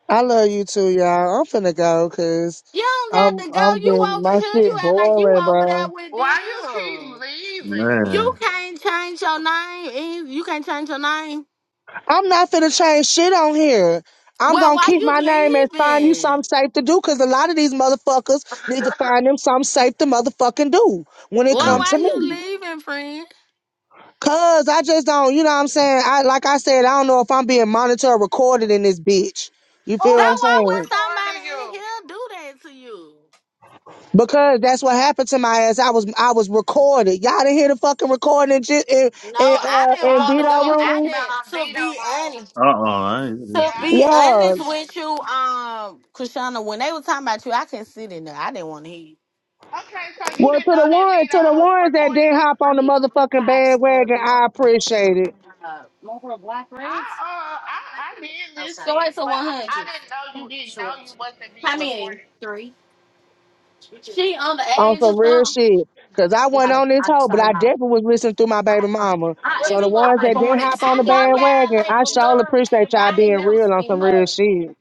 Speaker 12: I love you too, y'all. I'm finna go because
Speaker 6: You don't
Speaker 12: I'm
Speaker 6: got to go.
Speaker 12: I'm
Speaker 6: You
Speaker 12: getting
Speaker 6: over
Speaker 12: my
Speaker 6: here.
Speaker 12: shit
Speaker 6: You act like you
Speaker 12: boiling,
Speaker 6: over there
Speaker 12: bro.
Speaker 6: with
Speaker 2: Why you keep
Speaker 6: them.
Speaker 2: leaving?
Speaker 6: You
Speaker 15: Man.
Speaker 6: can't change your name. Eve. You can't change your name.
Speaker 12: I'm not finna change shit on here. I'm
Speaker 6: Well,
Speaker 12: gonna
Speaker 6: why
Speaker 12: keep
Speaker 6: you
Speaker 12: my name and find you something
Speaker 6: leaving?
Speaker 12: safe to do because a lot of these motherfuckers need to find
Speaker 2: [laughs]
Speaker 12: them something safe to motherfucking do when it
Speaker 15: Uh
Speaker 6: Well,
Speaker 2: Input.
Speaker 12: comes
Speaker 6: why
Speaker 12: to
Speaker 6: you
Speaker 12: me.
Speaker 6: leaving, friend?
Speaker 12: Cause I just don't, you know what I'm saying? I like I said, I don't know if I'm being monitored or recorded in this bitch. You
Speaker 2: Who
Speaker 12: feel
Speaker 6: So
Speaker 12: what
Speaker 2: is
Speaker 12: I'm
Speaker 6: why
Speaker 12: saying?
Speaker 6: would somebody
Speaker 2: recording
Speaker 6: in
Speaker 2: you?
Speaker 6: here do that to you?
Speaker 12: Because that's what happened to my ass. I was I was recorded. Y'all didn't hear the fucking recording in J- in,
Speaker 6: No,
Speaker 12: in
Speaker 6: I
Speaker 12: uh
Speaker 6: didn't
Speaker 12: in
Speaker 6: want to
Speaker 2: Oh,
Speaker 12: Beto
Speaker 6: go.
Speaker 2: you
Speaker 6: I
Speaker 2: talking
Speaker 12: room.
Speaker 2: about our
Speaker 6: didn't. To
Speaker 2: veto
Speaker 6: be
Speaker 2: room.
Speaker 6: honest,
Speaker 15: uh-uh, I
Speaker 6: to
Speaker 2: Yeah,
Speaker 15: ain't-
Speaker 2: I
Speaker 6: be
Speaker 2: did.
Speaker 12: Yeah.
Speaker 6: honest with you, um, Krishana, when they were talking about you, I couldn't sit in there. I didn't want to hear you.
Speaker 2: Okay, so you
Speaker 12: Well,
Speaker 2: didn't
Speaker 12: to
Speaker 2: know
Speaker 12: the
Speaker 2: that
Speaker 12: ones
Speaker 2: Vito
Speaker 12: to the
Speaker 2: was
Speaker 12: ones
Speaker 6: Okay.
Speaker 12: that
Speaker 2: recording
Speaker 12: didn't
Speaker 2: you?
Speaker 12: hop
Speaker 6: I
Speaker 12: on the
Speaker 6: mean, three
Speaker 12: motherfucking
Speaker 6: types of
Speaker 12: bandwagon,
Speaker 6: normal.
Speaker 12: I appreciate it.
Speaker 2: I uh I, I did
Speaker 6: Okay.
Speaker 2: listen, but I, I didn't know you didn't know you wasn't
Speaker 6: How
Speaker 2: being
Speaker 6: many?
Speaker 2: recorded.
Speaker 6: Three. She
Speaker 12: On some
Speaker 6: was
Speaker 12: real
Speaker 6: up.
Speaker 12: shit. Cause I
Speaker 6: I,
Speaker 12: wasn't on this
Speaker 6: I
Speaker 12: hoe, but
Speaker 6: started
Speaker 12: I
Speaker 6: my.
Speaker 12: definitely was listening through my baby
Speaker 6: I am.
Speaker 12: mama. So the
Speaker 6: I
Speaker 12: ones
Speaker 6: was
Speaker 12: that didn't
Speaker 6: born in.
Speaker 12: hop
Speaker 2: [clears throat]
Speaker 12: on
Speaker 6: I
Speaker 12: the
Speaker 6: know y'all
Speaker 12: bandwagon,
Speaker 6: like
Speaker 12: I
Speaker 6: from
Speaker 12: sure
Speaker 6: Love Lady,
Speaker 12: appreciate
Speaker 6: but
Speaker 12: y'all
Speaker 6: I ain't
Speaker 12: being
Speaker 6: never
Speaker 12: real on some
Speaker 6: seen
Speaker 12: real
Speaker 6: her.
Speaker 12: shit.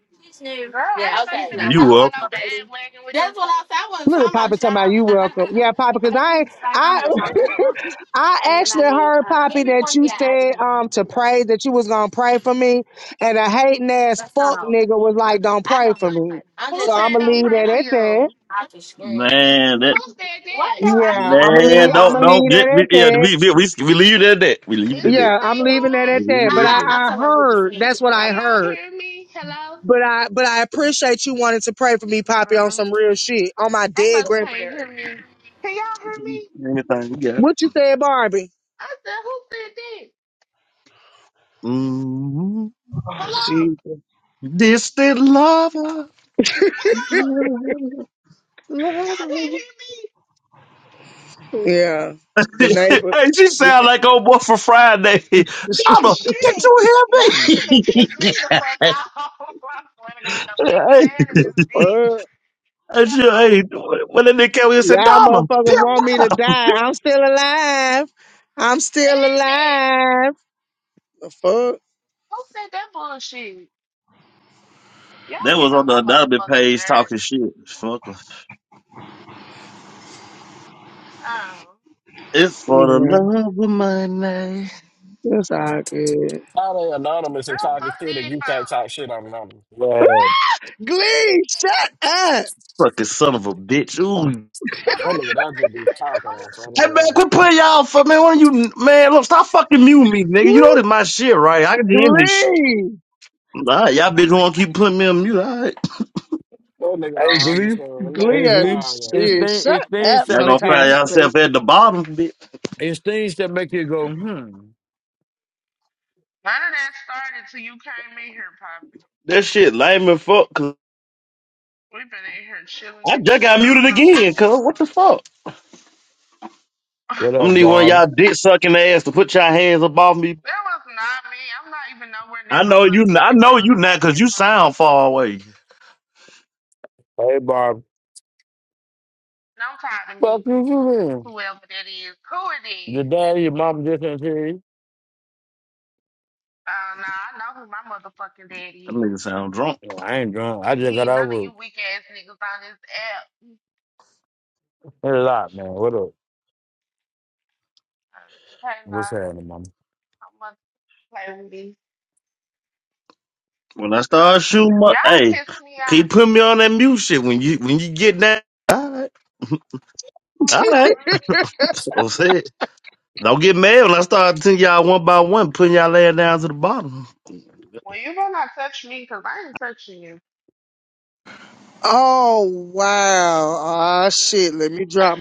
Speaker 2: Girl, ain't
Speaker 6: Yeah.
Speaker 2: nobody
Speaker 6: Okay. she's
Speaker 2: finna
Speaker 6: nice.
Speaker 15: You
Speaker 2: hop on
Speaker 15: up,
Speaker 2: a bandwagon with them
Speaker 6: That's what I
Speaker 2: folks.
Speaker 6: said. I wasn't
Speaker 12: Little
Speaker 6: talking
Speaker 12: Papa talking about
Speaker 6: about
Speaker 12: you welcome. Yeah, Papa, cause I ain't- I [laughs] I actually
Speaker 6: you
Speaker 12: heard
Speaker 6: Uh, Give
Speaker 12: Poppy
Speaker 6: me
Speaker 12: that
Speaker 6: one
Speaker 12: you
Speaker 6: guy ID.
Speaker 12: said um to pray that you was gonna pray for me, and a hating ass fuck nigga was like, "Don't
Speaker 6: I
Speaker 12: pray
Speaker 6: know.
Speaker 12: for me."
Speaker 6: her. I'm
Speaker 2: Who
Speaker 12: So
Speaker 6: just trying
Speaker 2: said
Speaker 12: I'ma
Speaker 6: to give
Speaker 2: don't
Speaker 6: you.
Speaker 12: leave
Speaker 2: pray
Speaker 12: that
Speaker 6: I,
Speaker 2: for
Speaker 12: at
Speaker 2: you?
Speaker 12: that.
Speaker 2: Who
Speaker 6: I can scream.
Speaker 15: man?
Speaker 2: said
Speaker 6: What
Speaker 2: that?
Speaker 6: the
Speaker 12: Yeah,
Speaker 6: ID
Speaker 12: I'ma
Speaker 6: from
Speaker 15: Man,
Speaker 12: leave.
Speaker 6: y'all?
Speaker 12: I'ma
Speaker 15: don't
Speaker 2: Hello?
Speaker 15: don't
Speaker 12: leave
Speaker 15: get
Speaker 12: that
Speaker 15: we,
Speaker 12: at
Speaker 15: yeah,
Speaker 12: that.
Speaker 15: we, we, we, we leave it at that. We leave it
Speaker 2: Is
Speaker 15: at
Speaker 2: this
Speaker 15: that.
Speaker 12: Yeah, I'm
Speaker 2: thing
Speaker 12: leaving
Speaker 6: Nah,
Speaker 12: that
Speaker 15: We
Speaker 2: on?
Speaker 12: at that.
Speaker 15: leave
Speaker 12: But
Speaker 15: it at
Speaker 12: I,
Speaker 15: that.
Speaker 6: I'm
Speaker 12: I
Speaker 6: talking about with the
Speaker 12: heard
Speaker 6: skin.
Speaker 12: that's what
Speaker 2: Can
Speaker 12: I
Speaker 2: y'all
Speaker 12: heard.
Speaker 2: hear me? Hello?
Speaker 12: But I but I appreciate you wanting to pray for me, Poppy, on
Speaker 2: Um,
Speaker 12: some real shit. On my
Speaker 2: they
Speaker 12: dead
Speaker 2: must can't
Speaker 12: grandparents.
Speaker 2: hear me. Can y'all hear me?
Speaker 15: Anything we got.
Speaker 12: What you said, Barbie?
Speaker 2: I said, who said that?
Speaker 15: Mm-hmm.
Speaker 12: Oh
Speaker 2: Hello?
Speaker 12: Jesus.
Speaker 15: Distant lover.
Speaker 2: Hello?
Speaker 15: [laughs] hey,
Speaker 2: Y'all can't hear me?
Speaker 12: Yeah. The neighbor
Speaker 15: she
Speaker 12: [laughs]
Speaker 15: sound like old boy for Friday.
Speaker 2: [laughs]
Speaker 15: Donna, did
Speaker 2: Shit,
Speaker 15: you hear
Speaker 2: y'all
Speaker 15: me?
Speaker 2: finna
Speaker 15: [laughs]
Speaker 2: piss me the fuck
Speaker 15: hey,
Speaker 2: off. [laughs] I swear to God, don't make me
Speaker 15: hey,
Speaker 2: mad at this
Speaker 12: Uh,
Speaker 2: bitch. [laughs]
Speaker 15: she-
Speaker 2: Who,
Speaker 15: hey,
Speaker 2: who
Speaker 15: when the nigga came in and said,
Speaker 12: y'all
Speaker 15: Donna,
Speaker 12: motherfuckers
Speaker 15: pimp.
Speaker 12: want me to die. I'm still alive. I'm still
Speaker 2: said that?
Speaker 12: alive. The fuck?
Speaker 2: Who said that bullshit? Y'all
Speaker 15: That
Speaker 2: getting
Speaker 15: was on
Speaker 2: on
Speaker 15: the
Speaker 2: my
Speaker 15: anonymous
Speaker 2: motherfucking
Speaker 15: page
Speaker 2: nerve.
Speaker 15: talking shit. Fuck.
Speaker 2: Um,
Speaker 15: It's for the
Speaker 12: Yeah.
Speaker 15: love of my name.
Speaker 12: That's all good.
Speaker 8: How they anonymous and
Speaker 2: girl,
Speaker 8: talking
Speaker 2: fuck
Speaker 8: shit and
Speaker 2: these
Speaker 8: you can't
Speaker 2: folks.
Speaker 8: talk shit on anonymous?
Speaker 16: Right.
Speaker 12: Glee, shut up.
Speaker 15: Fucking son of a bitch. Ooh.
Speaker 2: Well,
Speaker 8: That nigga,
Speaker 2: who,
Speaker 8: that just be talking
Speaker 2: who,
Speaker 8: on, so I
Speaker 15: Hey
Speaker 8: don't
Speaker 15: man,
Speaker 8: know.
Speaker 15: quit putting y'all for man. One of you man, look, stop fucking mute me, nigga. You know
Speaker 12: Woo,
Speaker 15: this my shit, right? I can do this. shit.
Speaker 12: Glee.
Speaker 15: All right, y'all bitch wanna keep putting me on mute, all right.
Speaker 8: That nigga
Speaker 16: Hey,
Speaker 8: don't
Speaker 16: Glee.
Speaker 8: understand. Learn
Speaker 16: Hey,
Speaker 8: it
Speaker 12: Glee,
Speaker 16: Glee.
Speaker 8: all,
Speaker 16: It's
Speaker 8: right,
Speaker 12: shit,
Speaker 8: man.
Speaker 16: things.
Speaker 12: shut
Speaker 16: It's things
Speaker 12: up
Speaker 16: that
Speaker 15: Y'all gonna
Speaker 16: make it.
Speaker 15: find
Speaker 12: sometime,
Speaker 15: yourself
Speaker 12: Glee.
Speaker 15: at the bottom, bitch.
Speaker 16: It's things that make you go, hmm.
Speaker 2: none of that started till you came in here, Poppy.
Speaker 15: That shit lame and fuck, cause
Speaker 2: We've been in here chilling
Speaker 15: I
Speaker 2: and
Speaker 15: just
Speaker 2: shit.
Speaker 15: got
Speaker 2: I
Speaker 15: muted
Speaker 2: don't know
Speaker 15: again,
Speaker 2: who
Speaker 15: cuz
Speaker 2: be
Speaker 15: what the
Speaker 2: doing this shit.
Speaker 15: fuck?
Speaker 2: [laughs]
Speaker 16: What
Speaker 15: I'm
Speaker 2: that
Speaker 15: gonna
Speaker 16: up,
Speaker 15: need one of
Speaker 16: Barb?
Speaker 15: y'all dick sucking ass to put y'all hands above me.
Speaker 2: was not me. I'm not even nowhere near
Speaker 15: I
Speaker 2: my
Speaker 15: know you I
Speaker 2: motherfucking
Speaker 15: know
Speaker 2: phone.
Speaker 15: you
Speaker 2: I
Speaker 15: not
Speaker 2: got
Speaker 15: cause you
Speaker 2: headphones.
Speaker 15: sound far away.
Speaker 16: Hey, Barb.
Speaker 2: Don't talk to
Speaker 16: Fuck
Speaker 2: me.
Speaker 16: you, you mean?
Speaker 2: whoever that is. Who it
Speaker 16: Your
Speaker 2: is?
Speaker 16: daddy, your mom just didn't hear you.
Speaker 2: Uh, nah, I know who my motherfucking
Speaker 15: That
Speaker 2: daddy
Speaker 15: nigga
Speaker 2: is.
Speaker 15: sound drunk.
Speaker 16: No, I ain't drunk. I
Speaker 2: And
Speaker 16: just
Speaker 2: he
Speaker 16: got
Speaker 2: ain't none of
Speaker 16: over
Speaker 2: you
Speaker 16: it.
Speaker 2: weak ass niggas on this app.
Speaker 16: It's a lot, man. What up?
Speaker 2: Hey,
Speaker 16: What's
Speaker 2: nah,
Speaker 16: happening,
Speaker 2: I'm gonna play with me.
Speaker 15: When I start shooting my
Speaker 2: Y'all done
Speaker 15: hey,
Speaker 2: pissed me
Speaker 15: can you
Speaker 2: off.
Speaker 15: put me on that mute shit when you when you get that? All right. All
Speaker 12: [laughs]
Speaker 15: right. [laughs] I'm saying. Don't get mad when I start telling y'all one by one, putting y'all laying down to the bottom.
Speaker 2: Well, you better not touch me 'cause I ain't touching you.
Speaker 12: Oh wow! Ah shit! Let me drop